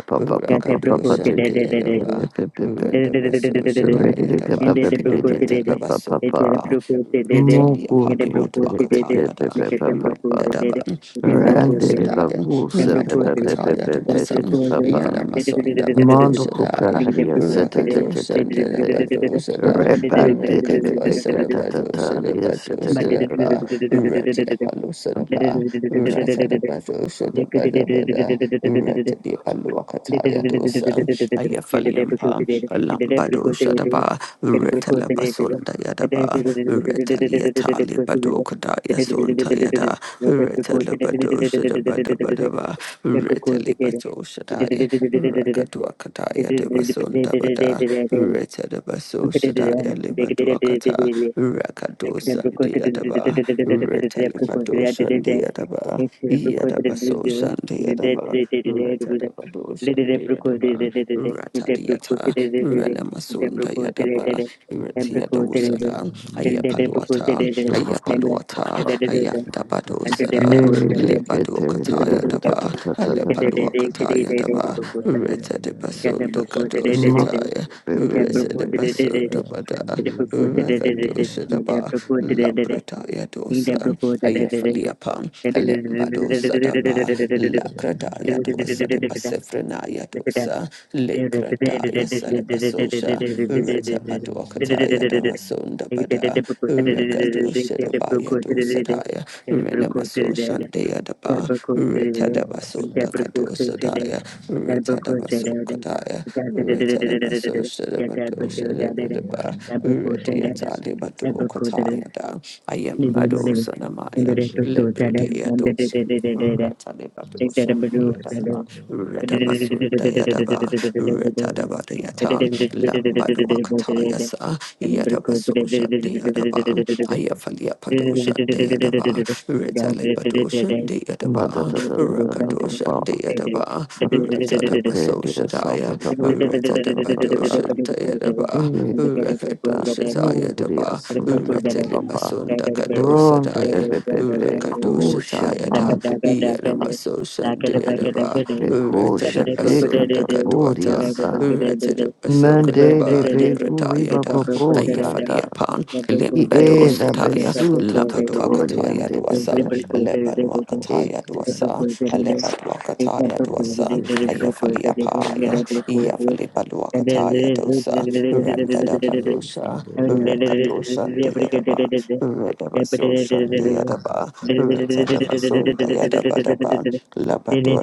yata brokute, Rakadosha dededede, Deadava. Red the vessel dededede, said Yadaba, yende brokute, dede, yete Retalabasundaba, brokute, dede, Retalia yede Mukuntu brokute, dede, Palimadwakatayada, nikete brokute, dede, Rendadaban, yede brokute, Randere Medusadaya, yede bakusa pepe pepe Madwakataya pepe Dwasan, tete brokute, papa. yede Yanamasunda brokute, Mondo Badusadaya, Thank copraria sete tete you. tete te. te Rakadosanda te te Badusada, Rebandere le Rekadwasada becata Badusada tataria Badusadaba, papa Retia Ante te Palusadaba, babushka. Ratadabadusada Badabada, Retadia Paluakataya Dosan, Ayafaliampa, Lambado Sadaba, Retala Basunda Yadaba, Retalia Tali Badokada Yasunta Yada, Retala Badosha Badabadaba, Retali Batoshadaya, Rakaduakadaya de Basunda Bada, Retala Thank Basoshadaya Libaduakata, Rakadosandia Daba, Retali Badoshandia Daba, Yadabasoshandia Daba. Ratadaba dosa Ratadabadoshandayadaba, Ratadiata, Relemasundayanaba, Retiadosada, Ayapaluata, Ewa papa Ayapaluata, papa. Ayandabadosada, Ne te ke te re ra ta ta Lebadokatayadaba, ta ta ta ta ta ta. Alepaluakatayadaba, Retadabasundakadoshataya, Mandere be be be be. you. Retadabasundabada, Thank Rakadoshadaba, dosa, Ayafaliapan, Alemba dosa daba, Thank Lakradaya dosa de Basefrenaya dosa, Lekradaya celebasosha, Rita baduakataya damasunda bada, Rekadosha dabaya dosa daya, Renamasosha dea daba, Rita dabasunda kadosa daya, Rita dabasokataya, Rita Shalabadaba, Rediata Libado you. Katayada, Thank Ayambado Sanamaya, Lepredeados. Rata Libado Shahayadaba, Rata Basundayadaba, Rata Dabadayatan, Lambado Akatayasa, Yadabaso Shadayadaba, Ayafalia Padosha Dayadaba, Rata Libadosha Ma ta ta ta ta ta ta Dayadaba, papa. Shandiadaba, Randere ke Retadaba ke So ria sa ta Shadaya, ta papa papa Retadaba papa. Doshandayadaba, Erededeba, Uria Rekadoshatayadaba, Sandra Papa, Retelimasunda Ronde de Kadosadaya, Pepe, you. Kusha Thank Rekadoshatayada, Manto, Yanamaso Rande Shandiadaba, de Kusha Retadaba Beka Sunda Papuria Kadwata, Sa, Retadaba Mande de Sokadaba, Beku Viva Libratayada, Papo Ayafalia Tanda, Pan, Limbedosa Ieda Daya. Kataya, Besuto Labadua Tutorian Kataya de Duasa, Bebe, Lebanua Kataya Erededeba Duasa, Lebadua Kataya Duasa, you. Ayafalia Paya, Yafali Badua Kataya Dosa, Randa da Mafuriko Badosa, yalisongesha watu wengi Rekadosan de Yadaba, Redabasosan de kutoka Yadaba, Retalabason de Yadabadaba, you Labadua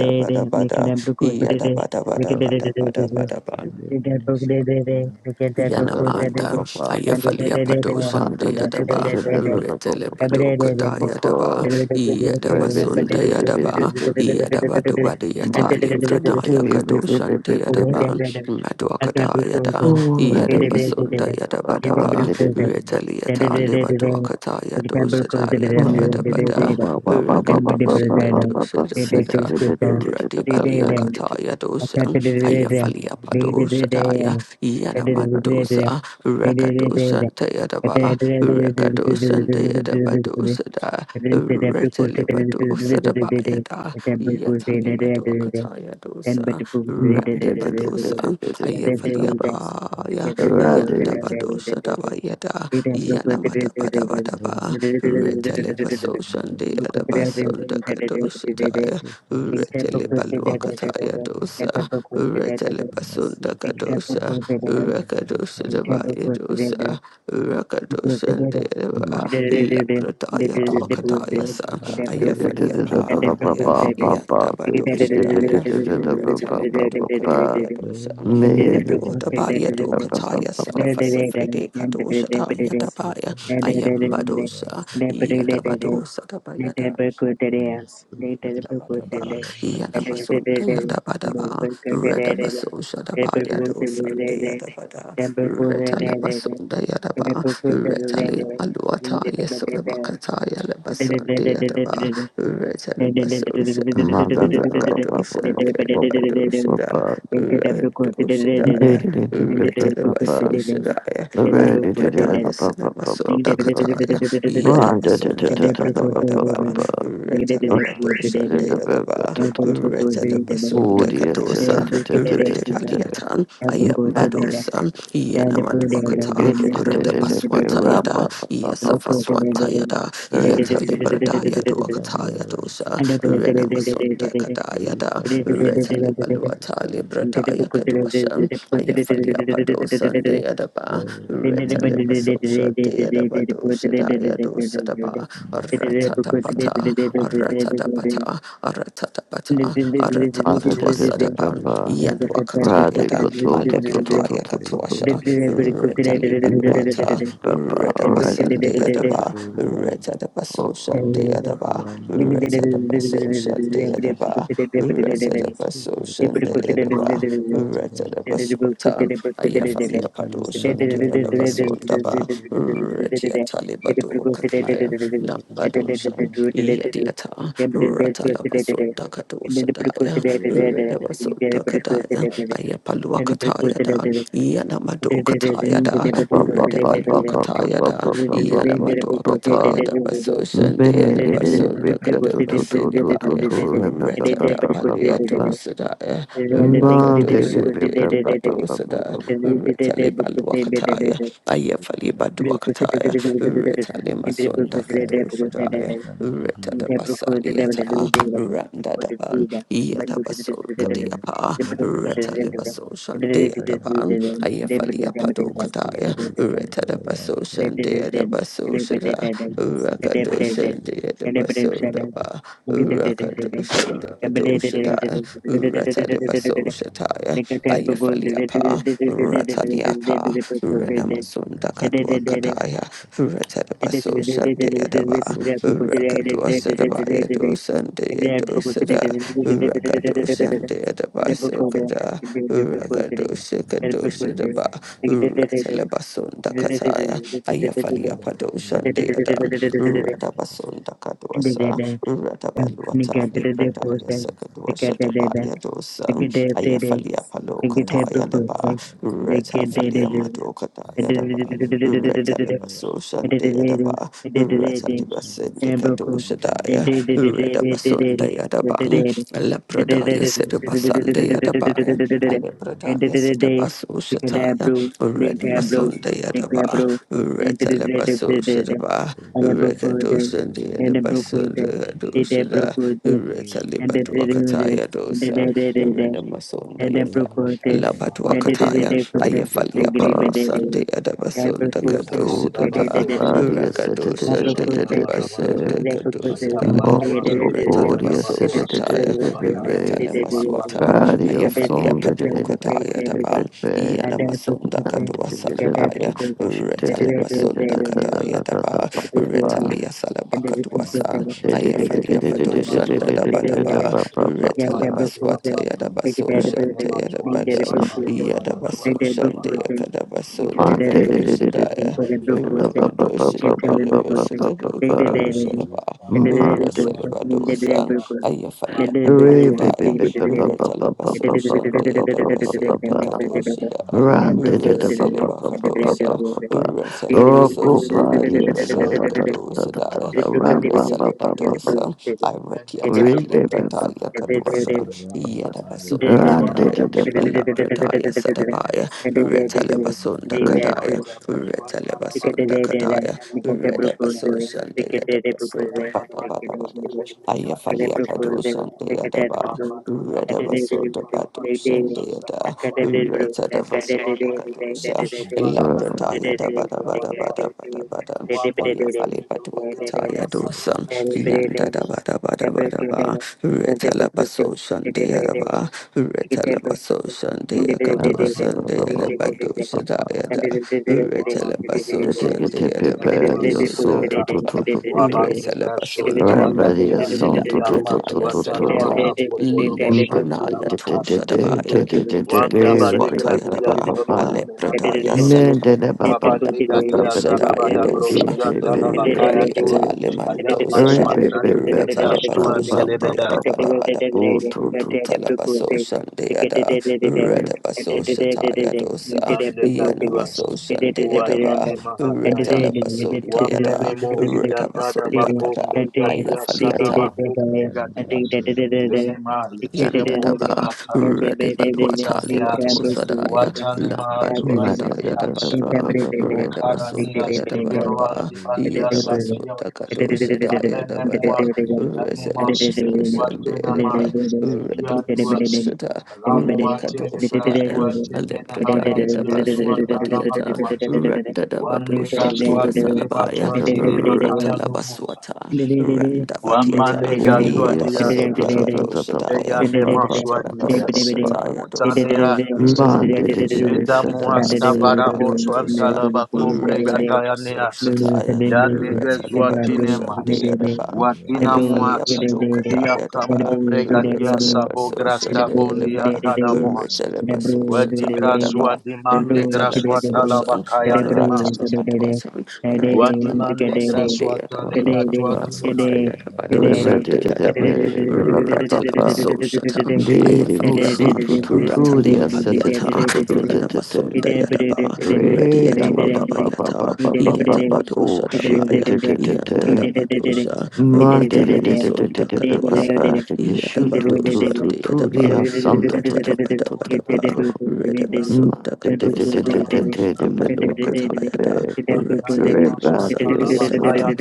Dabada bada, yada bada bada Sahel bada bada bila bada msaada muhimu katika Yanamanda, Papa, Ayafalia Pato misitu Manda Shante de Adaba, iliyozungukwa na Retele Papa, Pato Kota Yadaba, Yadaba Rebede Sunda misitu de ya Yadaba, Pepe. Amazon Yadaba Dubadi inayochagua Papa, Yatali and Pranaya Kado Shante Adaba, Maduakata Yada, Yadaba Sunda kupiga Yadaba Daba, maeneo Retele Yatali Matuakata Yado Shada Yadaba Dabada, Rekadosha Kadosha Dabada, Radi Balia Kata Thank Yadosha, ya you. falia padosa daya yana mandosa rekadosa daya daba rekadosa daya daba dosa da retele badosa daba ya da yatali madoa kataya dosa rende badosa ya falia kabisa pa ya yanda badosa daba ya da yana madaba daba leo daba retele viwanda basosa vya daya daba sunda kadosa masuka ya daya Libaluakataya sokoni dosa, Retalibasunda Thank Masukule Kadosa, Zandaria Rakadosa Raisaba Dabaya dosa, you. Rakadosa Deva, Laprataya Ulika Tuakataya sa, Basaya Kale Ayafaliapaya, Zandaria Yanda Badosa Daya, Retalimadokadaya dosa, Lokianda Madodabaya Dokataya Salafasifride Kadosa Daya Dabaya, Masukale Sandira Ayambadosa, Raita Uriana Yadabadosa Dabaya. Masukale Badaba, Sandira Raita Yanamasunda Yadabadaba, Redabaso Shadaba Yado Sunday Yadabada, Thank you. Retalabasunda Yadaba, Retali Maluata Yesolabakata Yalabasande Yadaba, Retalabasosha, Mother, Rakadoshanda Yabadoshada, Randoshadaya, Retalabasoshadaya, Alebradaya Cinemasunda Ulika Kataya, Basaya Yadamasunda Zandaria Dabadabadaba, Raita Retalabadosha. Shante Adaba, Reta de Basunda Lokianda Catosa, Demusaya Rede Paliatan, Ayambadosa, Yanamaduakata, Masukale Arata Sandora Baswanta Yada, Uriana and the poor did and Yasafaswanta Yada, did and Yatalibrada Masukale did Yatuakata Zandaria Yadosa, and the Raita poor did Renamasunda Kada Masuka Yada, and Reta Libaluata the Librata book of the Yakadosa, poor Ayafalia Padosa de Adaba, Reta Libasosha de Adabadosa Dayadosa Daba, did Ratata Pata, Aratatapata, Aratapatuasadapan, Yanduakatayada, Alebretaya Katuasha, Radical Monday, Retalibaduata, Redabasandeadaba, the Retadabasoshandeadaba, Thank Retadabasoshandeadaba, Retadabasoshandeadaba, Retadabaswatan, Ayafalia Padoshandeadabasundaba, Retiatalibadu Kataya, Lambadoshan, Yediata, Talabasunda Kadosadaya, Redabasunda Kadaya, Ayapalua Katayada, Yanamado Katayada, Redabalua Katayada, Yanamado Katayada you. Basoshan, Thank Mungkin Deadabasunda you. Kadobasidibaya, Retada Paliato Sadaya, Rakadoshan, Deadabado Sada, Retalibalua Kataya, Ayafalibadua Kataya, Retalimasunda Kadosadaya, Retta da Basaliata, randa daban yada baso katiapa reta le baso shande daban ayafali apado kataya reta da baso shande da baso shada rakado shande da baso daba rakado shande bato Thank shada reta le baso shataya ayafali apa reta di apa rena masunda katwa kataya reta da baso shande daba rakado shada Sandia Dosada, Rakado Sandia the Basukada, Rakado Shikadosa the Ba, Ratalabasunda Kataya, Thank Ayafalia you. Pado Sandia Dan, Radabasunda Kadosa, Radabaluatali Prataya Sakadosa Tabaya Dosa, you. Ayafalia Palo It gets April Kataya first, Deba, right? They Reta get they Falia did it. Mado It Kataya did it. It Deba. did it. Retalabaso It did it. Shandayadaba, It did it. It did it. It did it. April Fool. They Ratadibasendicadoshadaya, did it. It did it. It did Redabasundayadaban, it. It did it. It did Lepradaya it. It Sedabasandayadabaya, did it. It Alepradaya did it. Day. Sedabaso Because Shataya, April, they April, Thank they Redamasundayadaba, April. They did it. Retalabaso They did Shadaba, it. Rekadoshandayadabasundayadoshada, and Retalibatwakataya dosa, the I I propose Renamasundayada. propose Labadwakataya, Ayafalia Palusan, the Adabasun, the propose Kadosh, the Ba, Rakadosh, and the Adapropos Adabasun, the adapropos Kadosh, Daya, Reta regrebedere the adapropos Basoshataya, Reta Lemaswatan, Radio Ayafalia song did it in a Padokataya, the bit. Ban, Yanamasunda Kadua Salabaya, Reta Labasunda Kadaya, the Ba, Retalia adapropos Salabakadua San, Ayafalia Padoshan, Yadaba, Retalabaswata Yadabaso Shanta adapropos Yadabada, adapropos Yadabaso Ede Shanda bukuse, Yakadabaso ikilede Monday, dede, Dakadoshadaya, ikode bukuse, iketele Rakadoshadabada bukuse, ede dede dede, Rasakadoshadaba. ede dede bukuse, ede dede Resalabadosan, you. bukuse, Ayafalia ede dede Mandega dede, tua ede Padokadaya, filha da dede dede, Gatra, filha Retalabaso ede de dede dede dede dede Shanda Paca, dede dede dede, ede Yadabaso dede dede dede, uma batalha, Dakadoshada. uma Run, ede da chance, da bukuse, ede dede da dede, ba ba a Resalaba ba ba ede dede parte dede ba de ba Kadosa, ba bukuse, ba. a ede dede Resalaba minha dede dede Rocco parte dede Sosan de da dede party, the ação, sa da Brother ta ta batalha, dede ta ta Kadosa ta da ta Daya, ta. bandeira, Run, dede dede dede, ede bukuse, ede dede dede, ede ba ba Resalaba ba ba ba Dosa, ba. vende Iratiata Re ba moçua, ba da ba Librataya ba ba ba. Kadosa, Alessandro minha Valentine, batalha, Yadabasunda Run, tua Lorian, da da Kadaya, parte da ba da ba. batalha, Labrataya da Sadabaya, operação, da Masuka lavação, Retalabasunda Re Kadaya, quando a ndezandariraraitavara moçua, da Retalabasunda Decadere, lavacosta, Decadere, Kadaya, da Decadere lavacosta, propose, da Redabasosan de lavacosta, Decadere, Decadere I Yadabasota am Badabada, propose, Decadere Ayafalia Kadosan de Yadaba, propose, Wabadula Decadere, brothers, Redabasoda Wabadabadia, Decadere, Santa Mandiada, Bacoa, Acadere bro, Reta da Acadere, Vasunda Decadere, Wabandele Decadere, Cadosa, Decadere, Bosco, masuka La ba ba. Decadere, Bantalabada, Prataya da ndesandorara Bada Santa Bada Bacoa, Decadere, Bada Bada Decadere, Bada, Decadere, Wabandele Ayafali Bedosia, Patuakataya Decadere, dosa, masuka Gabacaranta, Yanda da ndesandorara Bada Bada Decadere Bada Ba, Reta la propose, Baso Shandia da Decadere, ba. Reta la Decadere Baso propose, Shandia Indicadere, Anta Da da da Cadosa, Decadere, ba Gamandi, ba Dea ba da ba Joshua, Decadere, ba. Badosa Diada, Gabacaranta, Reta la Wabandi Decadere, Baso Da da Gatua, Decadere, da da Shandia ba the da ba. Thank Gatua, Radio Badosa so da to Nenaga, to to Ba, to to to. Reta Wabandi la Basunda Grashunda Run, Yada, radio Bagadia, so La to to to to Crataya Yamazua to to. Salutam. Talabacambo, Tolobo Mm, Da Lepranaya da Shantalabaka, da da da Toshadabaya, da da da da da. Wanda Re Bade ba ba ba Grazian ba Frenamaswatayadaba, Tabo, ba. the Alepradaya Menagadios. Mandela Sadabaya, ba ba ba Wabandiga ba ba dia ba. da Labadosadaya zalabada Dosa, da grostianda la bakaya tua. da Radiata Ayam da Limandosa da, matsuantali de de ba ba ba ba grastuan you de Retalabadosan ba Re ba. lebeda. and ba ba ba ba ba ba. Ba ba deadabadabadaba, Oh, to to to to. Retalabasosan deada, Re Retabasosataya Dosa, Imande gaduas. irikavasanakandezandarira Yanamasosan deadaba, Uatani mahatayas. raitavuriyanda Retalabasontayada, Wamenemos yatada Retabasondakada, bakombre gadia sada Ayafaliata. bakombre gadias. Lene yandandeyomoshakatana maris temon Yandadaba, gatai. Ready Badwatali masuka watanias Badwasadaya, Watani ma da ndesandoraraitavuriyanda da Lambadwakadaya da mahatuazikias. da ba ba Dabadaba, ba ba. Redabasunda masuka Ukaranias Tiberuan Yadabadaba, Dimandias ndezandariraranta Yadabasunda Santiagos, Kadoshadaya Alenemuak, Dabada, Yanimas, and Reselabasunda Yadaba, Watenamayas, Edia Duas, Redabasunda irikavasanakandezandariraraitavuriyanda Ramuate, Legras Rekadoshadaya, Duate, Alebradaya Yanda Menahayatia, Yamo Dabasilibadiata, Sakatana Zuatarabakuas, One Randadabadoshandia Negasua Masukali ba Salabaya, Telebatua Sandura Zine Raita Makaya Baba. Numusa, Duata, Randa One Batiata, Manegasua Yadabasunda Diatas, Kadosha Daya, Eyanemasua Digras, Retalabasosha ba Taya Dosa, Utaneatas. Ma da da da Retabadosha da Leta da Sukali muasta Sandura varabo Deadabasilabaka Raita Baba. swantala Dosa, bakombre gataya Retalabasosha neas. Taya, Ya Eka neges Basa watine Akandi Retalibadosha mas. Randa Deadaba, Watina Yaraitu Ayafalia muas. Paloka Tia Diadaba, kamombre gadia sabo Thank Retalabasosha grasta Yanda bonia Deadaba, kana Limo muas. Sakala Retalabasosha Wadi Taya grazua Daba, dimande graswa Sukali Retalabasosha talabakaya Maduasan, Sandura Raita. Ratana nemasa. Maduasan, Ratana Wadi mande Maduasan, grasua ba tale Deadaban. gatua ba Oh Maxon Sukali dimena. Dayada yes, da Sanda da da Badosan da Yaraita da Ooh, Baba. Dayadaban, yes, Ratalabaso Shata, Diri Ayafaliapa, usi tu Eka tu Basa tu Ratalia dia se Akali te te Paliata, Wadi te Thank te Sanda mande te te te grasua te. Ranamason Yaraita talabakaya Dayadaba, Baba. Re da ba Radiatola ba ba ba Bayata, ba ba ba ba Yata nemasa. ba ku Badosha shi te Dabaya, te te te Yantalabados Oh, Yandada te. Badosha, Yanda Man de de Limo de de de Sakala Ratanamason de de ba ba ba Dakatuasa, you. de de Yada shu Thank tu Badosha tu tu tu Masukali dia Sandura san Deadaba, tu tu Raita. tu tu tu tu tu Ratadabadabadaba, tu. Man de de de de Sukali de de Redabasundagadosataya, Sanda de de ba ba ba Yaraita ba Baba. Amaluakatayada, ba. Re ba Thank dia you. so tu Retiapalosandeadaba, tu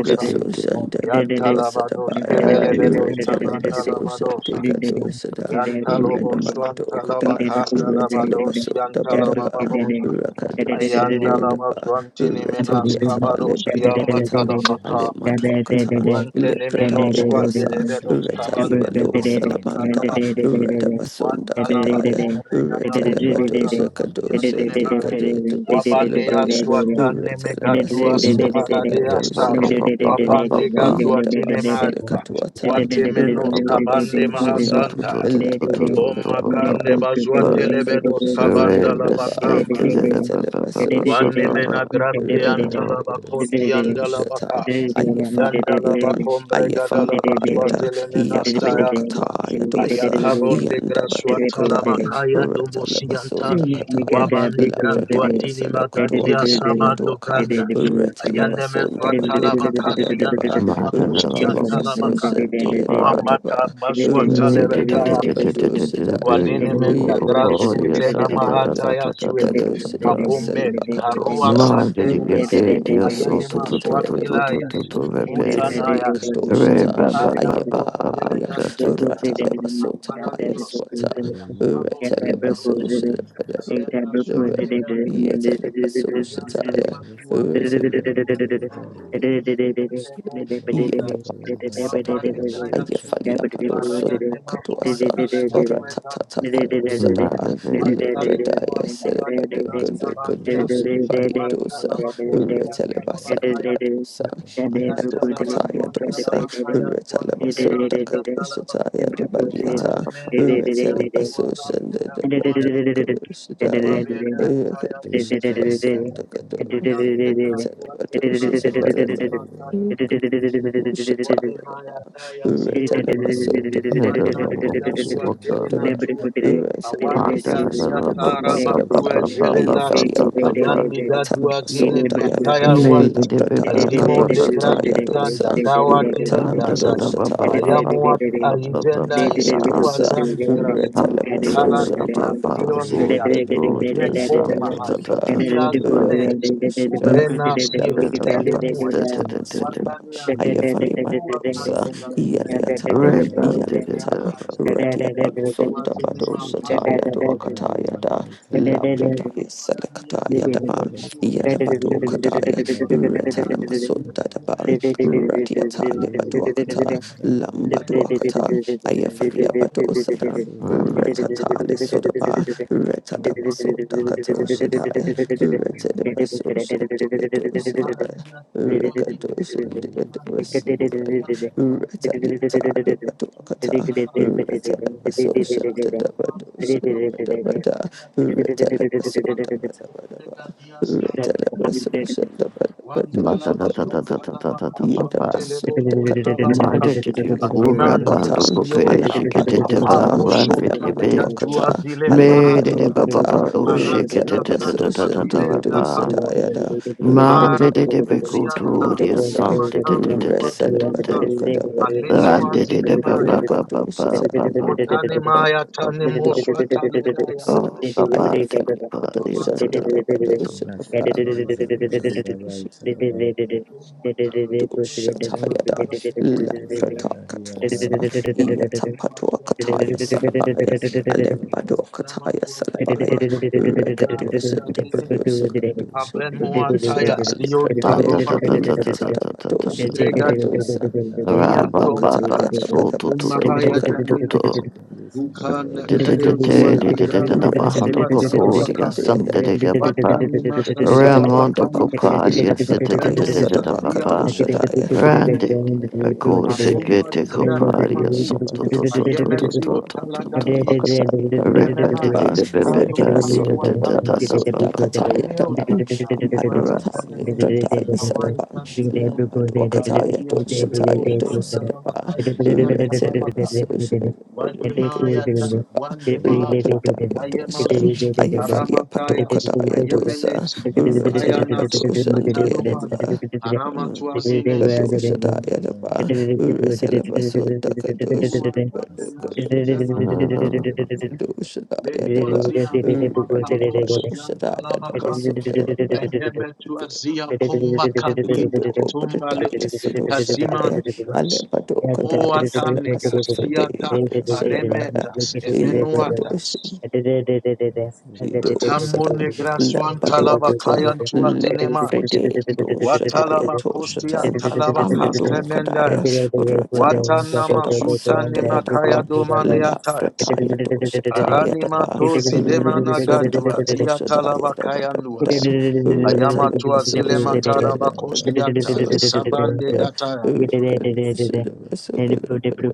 ka you. de de. Ah yeah. Retalabasosandegadosada, Yantalobos Renamandokada, Yantalabakandalabados Retalibasundabadaba, Yantalabababosa Ayandalabas Rakadosandeadaba, Vantini Menas Retaliata, Kabados Lebatuakata, Kiamatalabaka Alematuakata, Leprataya Guantenemenos, dosa, Guadelebedos, Retaliva lo Cabandemenos, salamanda, Santalaba, you. Retabasunda Thank Guantalaba, kataya, Combregados, Retalabadosha Santalaba, kadosha, Yazinemaya, Dicadota Wabanea, basilabaya, Suatanemegaduas, Retalabasosha, Man de de de ba Dicadosha, Kebaradeasa, ba ba ba ba Wabanega, ba Zuatinemata, Yatabasilakatwata, Guatemenos, ba. Cabande Ma Randibasosha, Mahasanta, Omakande Labadokadapada, Bazuatelebedos, Rakadosha Cabandalaba kadotaba, Camba, Wanemena Gratia, Retalabasosha. Antalaba, Cos, Diandalaba Dushata, Ayafa Yandalaba Yada, kombre Ayafa gadalaba Yada, swazele menasta Yapalokata yantua. Yadosa, Ayakabonde graswa talaba you. Yandabadokadaya, kaya Reta domosianta. Thank Lebasunda you. Kataya, Wabandi Lapradaya grazwatini Selokadua magadia Kadaya sabando Duaka, granda. Reta Ayanemezwa Lebasunda talaba Thank Badokadaya kazianta Daba, you. laba Reta kostianta laba Lebasosa kaya. Wambata Deadabadaba, mazwa Reta Lebadabadosadaya, Walenemenda Yedabasunda grazutena mahata Badabada. ya zuet. Kadosha de Abomet Basaliba harua Katosa, satenemas. Resaliba Kadosha, and Ayenemas Tayadaba wapilayas. de Basali Utanayas. Kadoshata, Ukarianua Ayabaya, telegas Rata yundas. de Basota Paya Aparanios Swata, kelenias. Abon Retele darusa. Basosha de Take that Ayema book with Bedebe, suatelandia. the Yetele Basosha Ayana Taya, azua telemuatelanda. Ketemos dondas. Yatapasataya, Wapanigaya sut. Ayafalia Palosuna Araya nemas Makatuasan, wantalaga Oratata Palosataba, Wantalemeno Libradaya Celebadu atabalena Kudu Kudu stabandia. Shibayadosa, Wantalabakostian Retelebasandia talabahayan. Dosa, Yantalabas Ameluakataya Dosa, wantalabashayan. Wandemenas Retelebasunda Kadosataya yatalabakua. Dubalieta, Alimenas yatua So, so, Retelebasusunda rampeda Dubadu tuandi. Kudu Thank Shidaya, Wabere you. ataya Thank Erika kuteleba. you. Rekadushitabasunda Masaya Kadu. Kaneza Ayande Retalamadosha Maria grasua teleba sua Aita telemata. Miranda Wodemaya taya zidomba. Oh Kiranda Watanigazwa Veronica telenazua Ray Masuka awandigaziatarabadua Lisandeza zelenas Raita Vela ayandigaduazine Masuka matayawai Lisanda azimonde Raita grazutanda Miranda dawatinendazat Erika Masaya Tayadaba ayamuat Kaneza aizenda Amaluakataya Maria dosa, eskuazandigras Retalabasosan ukalandegras dekadosa, Thank Oh tiondegas Miranda yeko Dabadosadaya Limo mahaya jaba, Sakataya iazines Rakadosada, Masuka ubrenasiot Lisandeza elemuet Raita Labradakatuakataya Vela sulaba, Ayafani mandosa, Masuka Yaliata, Lisanda Ban did it. Yaliata, Raita Radiapaloson Masuka dabadosataya Levandaria doakataya da, writes about Labradaya salakataya Levita daban, Basaya Yadabato kataya, Levandaria writes Masunda about Daban, Radiata Libaduakata, you. Lekianda Thank Lambaduakata, Lemosaya Ayafalia Badosada, Masuka Levandaria Retatali writes Sodaba, about Retadabasunda Levita Kato Shadaya, Basaya Levandaria Retadabasosan Diadosadaya. Rekadosan Lekianda Diadosadaya, Retaliata Libaduakata, Levandaria writes about Levita Basaya Levandaria Retadabasosan Yatando Guantanama Dabadosada, Pobrega Dia, Retalabasunda Wapalana Masuka Badabada. Pobrega Dia, Samanana Resalabado Dia, Kadabado Mata da Wantalama da da da da da Zontalama da da da da Kazuantelebo Zontalama Ka, Mandatory Kura Adimandia Bando Bope Sionta Levandaria Shikitaba Apambo Sonta Randitibi you. Legadua Zile Made Barata Thank it Baba O Arania Satua Zilenda Shikitatarapa Kabonde Hara Zile Manditibi Zianta Kuturia Sam Sumatala Dua Zianta Aletua Randitibi Baba Zinemaya Baba Baba Shitaya Baba Otani Baba maya tani Otanimaya Baba tanimoswa taledaya Oh Baba tuezania. the Kupari Awania kutare matara bakiyete dene. writes about Oma tara kiyo dene matara bus. Masuka Alexandria Laikaba Wantane maswa dene Masuka makuyo. you. Alexandria Laikaba Lama tua Thank zide makabonde gratia Leifa zide. Masaya Abremo Kalexandria ataya zion Anta taluba ta ta Laikabulianda ta ta ta ta dieta. ta ta ta ta Mondrega dia. Leifianda Hia Rabba Lemo Amalwakataya Baba Shakatu da tombas. So bada to to to basunda to Omahaya to kadu to tanias. Alexandria Ukana do kayo Laikaba zua sada digrana reta maswa leba so shante talabakaya. leba do Watanimasa shata ya Ramondo daba talabakaitenes. Copadia la Lema prata ya Maria sada Yanuza Sitata ba kato Papa tiamata Laikabulianda Rande muatelebe. Madwakataya Baco Namasunda Agoma Secete Yada Lokianda tiande Copadia mahut. Lemo Santo Toto Redabadoshan Shakatela Toto Ayemezio Toto Yadaba Toto talagadies. Madwakataya Rebadi Dabadabadaba de Ayemenayas. Bebe Thank Masuka Kano you. Badi Redabasunda Alexandria Tata kambuatanies. Yadabasunda Papa Kataya Aneo Laikabulianda Daban tania. Amadwatali Masuka Tuazitelele. Pradaya Alexandria Sadaban Awaita limon. Laikaba Lamadwakataya Aratia The Doshataya delevos Kabasaya and Dosadaba the watalabakayo light of Retelibasoshan Wademayata, Bedukadosaba the Wandemahata, Labradaya Dosan Ayemazut, Ayafalia Aramatayas, Padokadaya Dosa Ayemenes, Most Masuka is Ukayanas, under the Retalabadosan light Ataloman, of Deadaba Aramatuazinesa, Kadosha Masuka is under the Dayadaba, light of Resalabaso Dakadosha Masuka is under the Uatandenasuitamanagature, light of the Masuka is under the light of Kadosha Dayadaba, Letuaziantumakabos, Radiapadosha Thank Dayadaba Yantalamaka, Sokadaba. Ayemetuazia you. Gado Komakadina, Tumbalet, Pradaya Sudo Shadaya, Tazimandigras. Alebado Kadaya Salabaso Coatanigas, Siata, Fredaya Masuka Shadabaya, Aremetas, Emenoatas, Ido Tamone Sadan graswan talaba Lebaduakata kayan tua Le dinemas. Frede Do Shadaya Watalaba To kostian Shatan talaba is under Amedo the Kadaya kastemendas. Ratana Watana Soda mazuta Basunda Masuka nema kaya Yadaba Lusanguva domane La Waitava, atayas. Fredaya Do Lake Shataya Aranima Daba to zidema Renema Sunda nagadua Kado zia talaba Shadaya Daba kayan Daba Thank luas. Da Ayama Ratana tua zile Basosha De mataraba Daba Daba kostian taya. So Sabande Shadabaya gataya. Rakado Shadaba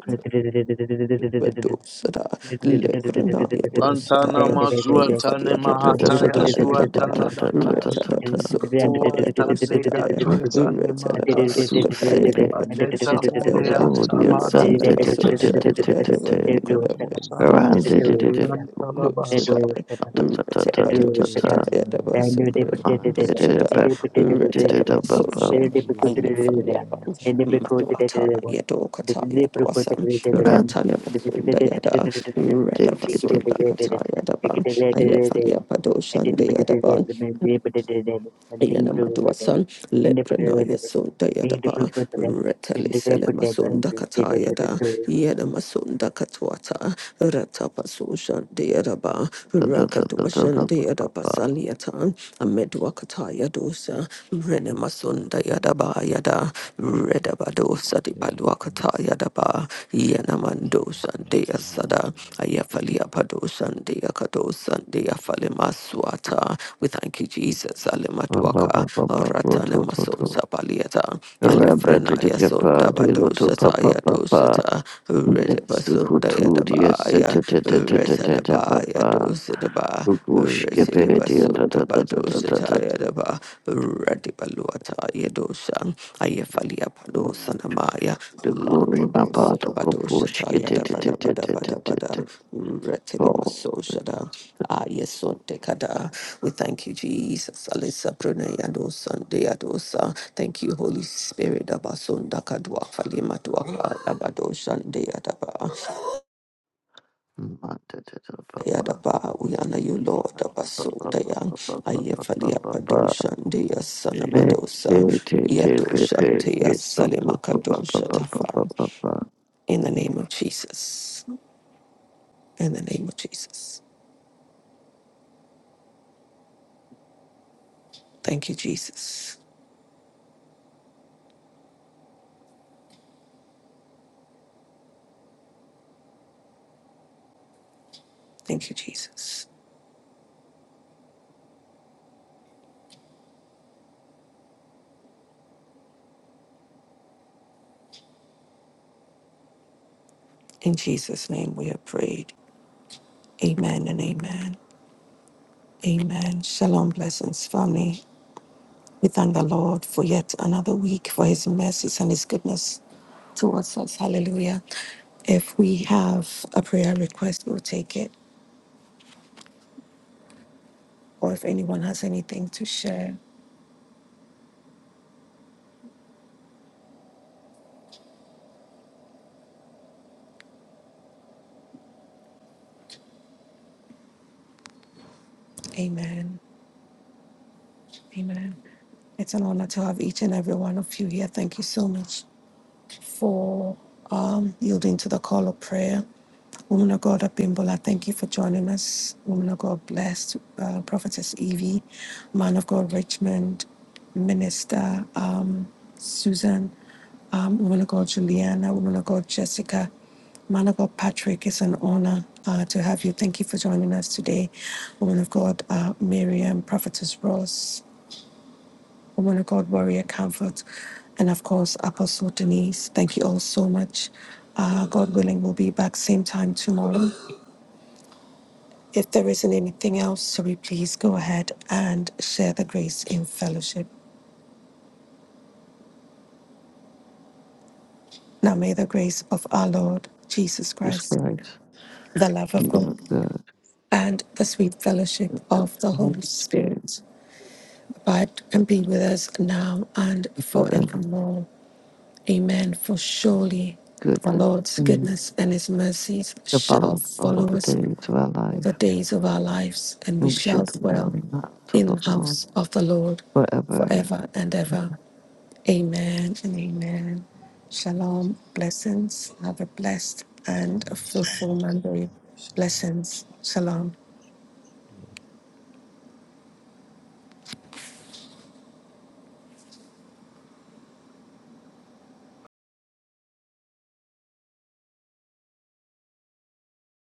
Badosada, Lebranaya Wantana dosadaya, mazua tane Ayafalia mahataya padosadaya zua daba, talada kayas. Retada Rama basota Uwa paya tane dosadaya, gatweza nema Retala badokadaya daba Susebe Aleta mole dosadaya, Popodia asabara Retala Santa tira. Tete basosa deada Ayam badokadaya. mosanta. Randy Santa Ayam talabas. Dosadai, you Tata Tata Retapa Tata Dosadai, Adabasukara Mandy Dosadai, Baku Retapa Tita Baba Sosha, Ayafaliapan, Maduata, Yadokata, Yadosan, Randy Ratana Basunda Yada, Retapa Sunda Kataya Daba, and Ayafaliapa Dosan de Yadaban, Yanamaduasan, Lepranaya Sunda Yadaba, Retali Selemasunda Katayada, Yadamasunda Katwata, Ratapasushan Deadaba, Baba Rakadwashan Deadaba Saliatan, Amedwakataya Dosa, Renemasunda Yadaba Yada, Redabadosa di Thomas, Balwakataya Daba, and Sandia Hatchery. Sada, Ayafalia Pado Sandia Kado Sandia Falima Swata. We thank you, Jesus. Alemadwaka, Baba Baba Ratane Masosa Baliata, Rabba Alefrena Tita Yasunda Papa Dilo to Badosata Papa Papa Yadosata, Let's do Redibasunda kutu diye se Yadabaya, te te te te te te te Retalabaya papa. Dosadaba, Kukuş kepe diye da Retilibasunda da da da da da Badosata da. Yadaba. Yadua, Radibaluata Yedosha, Ayafalia Palo Mm, Sanamaya, The glory, my Lambrodo part of push Sodabadoshata get it, it, Yadabada it, it, Bada it, Bada it, it, Bada, it, fall. Retilimasoshada, Ayesontekada. We thank you, Jesus. Alisa Brune Yado Sunday Thank you, Holy Spirit. Abasunda Kadwa Falima Dwaka Abadoshan Papa, Yadaba, we honor you, Lord, Papa papa Abasodaya, papa papa papa Ayafalia papa. Padosha, Dea Be te Sanamadosa, te te pe Yadosha, pe Dea pe son tu tu papa Salimakadosha papa papa Tafan. papa. In the name of Jesus. In the name of Jesus. Thank you, Jesus. Thank you, Jesus. In Jesus' name we have prayed. Amen and amen. Amen. Shalom, blessings, family. We thank the Lord for yet another week, for his mercies and his goodness towards us. Hallelujah. If we have a prayer request, we'll take it. Or if anyone has anything to share, amen. Amen. It's an honor to have each and every one of you here. Thank you so much for um, yielding to the call of prayer. Woman of God, Abimbola, thank you for joining us. Woman of God, blessed. Uh, Prophetess Evie, man of God, Richmond, Minister um, Susan, um, woman of God, Juliana, woman of God, Jessica, man of God, Patrick. It's an honor uh, to have you. Thank you for joining us today. Woman of God, uh, Miriam, Prophetess Ross, woman of God, warrior comfort, and of course, Apostle Denise. Thank you all so much. Uh, God willing, we'll be back same time tomorrow. If there isn't anything else, sorry, please go ahead and share the grace in fellowship. Now may the grace of our Lord Jesus Jesus Christ, Christ, the love the of Lord God, of God, and the sweet fellowship of the the Holy Holy Spirit, Spirit abide and be with us now and the forevermore. Amen. For surely the goodness Lord's mm, goodness and his mercies to shall follow us all follow the us days of our all life, the days of our lives, and we and we shall shall dwell dwell in the house of in the the Lord house of the Lord forever. forever and ever. Amen and amen. Shalom. Blessings. Have a blessed and a Shalom, fruitful shalom, shalom, Monday. shalom. Blessings. Shalom.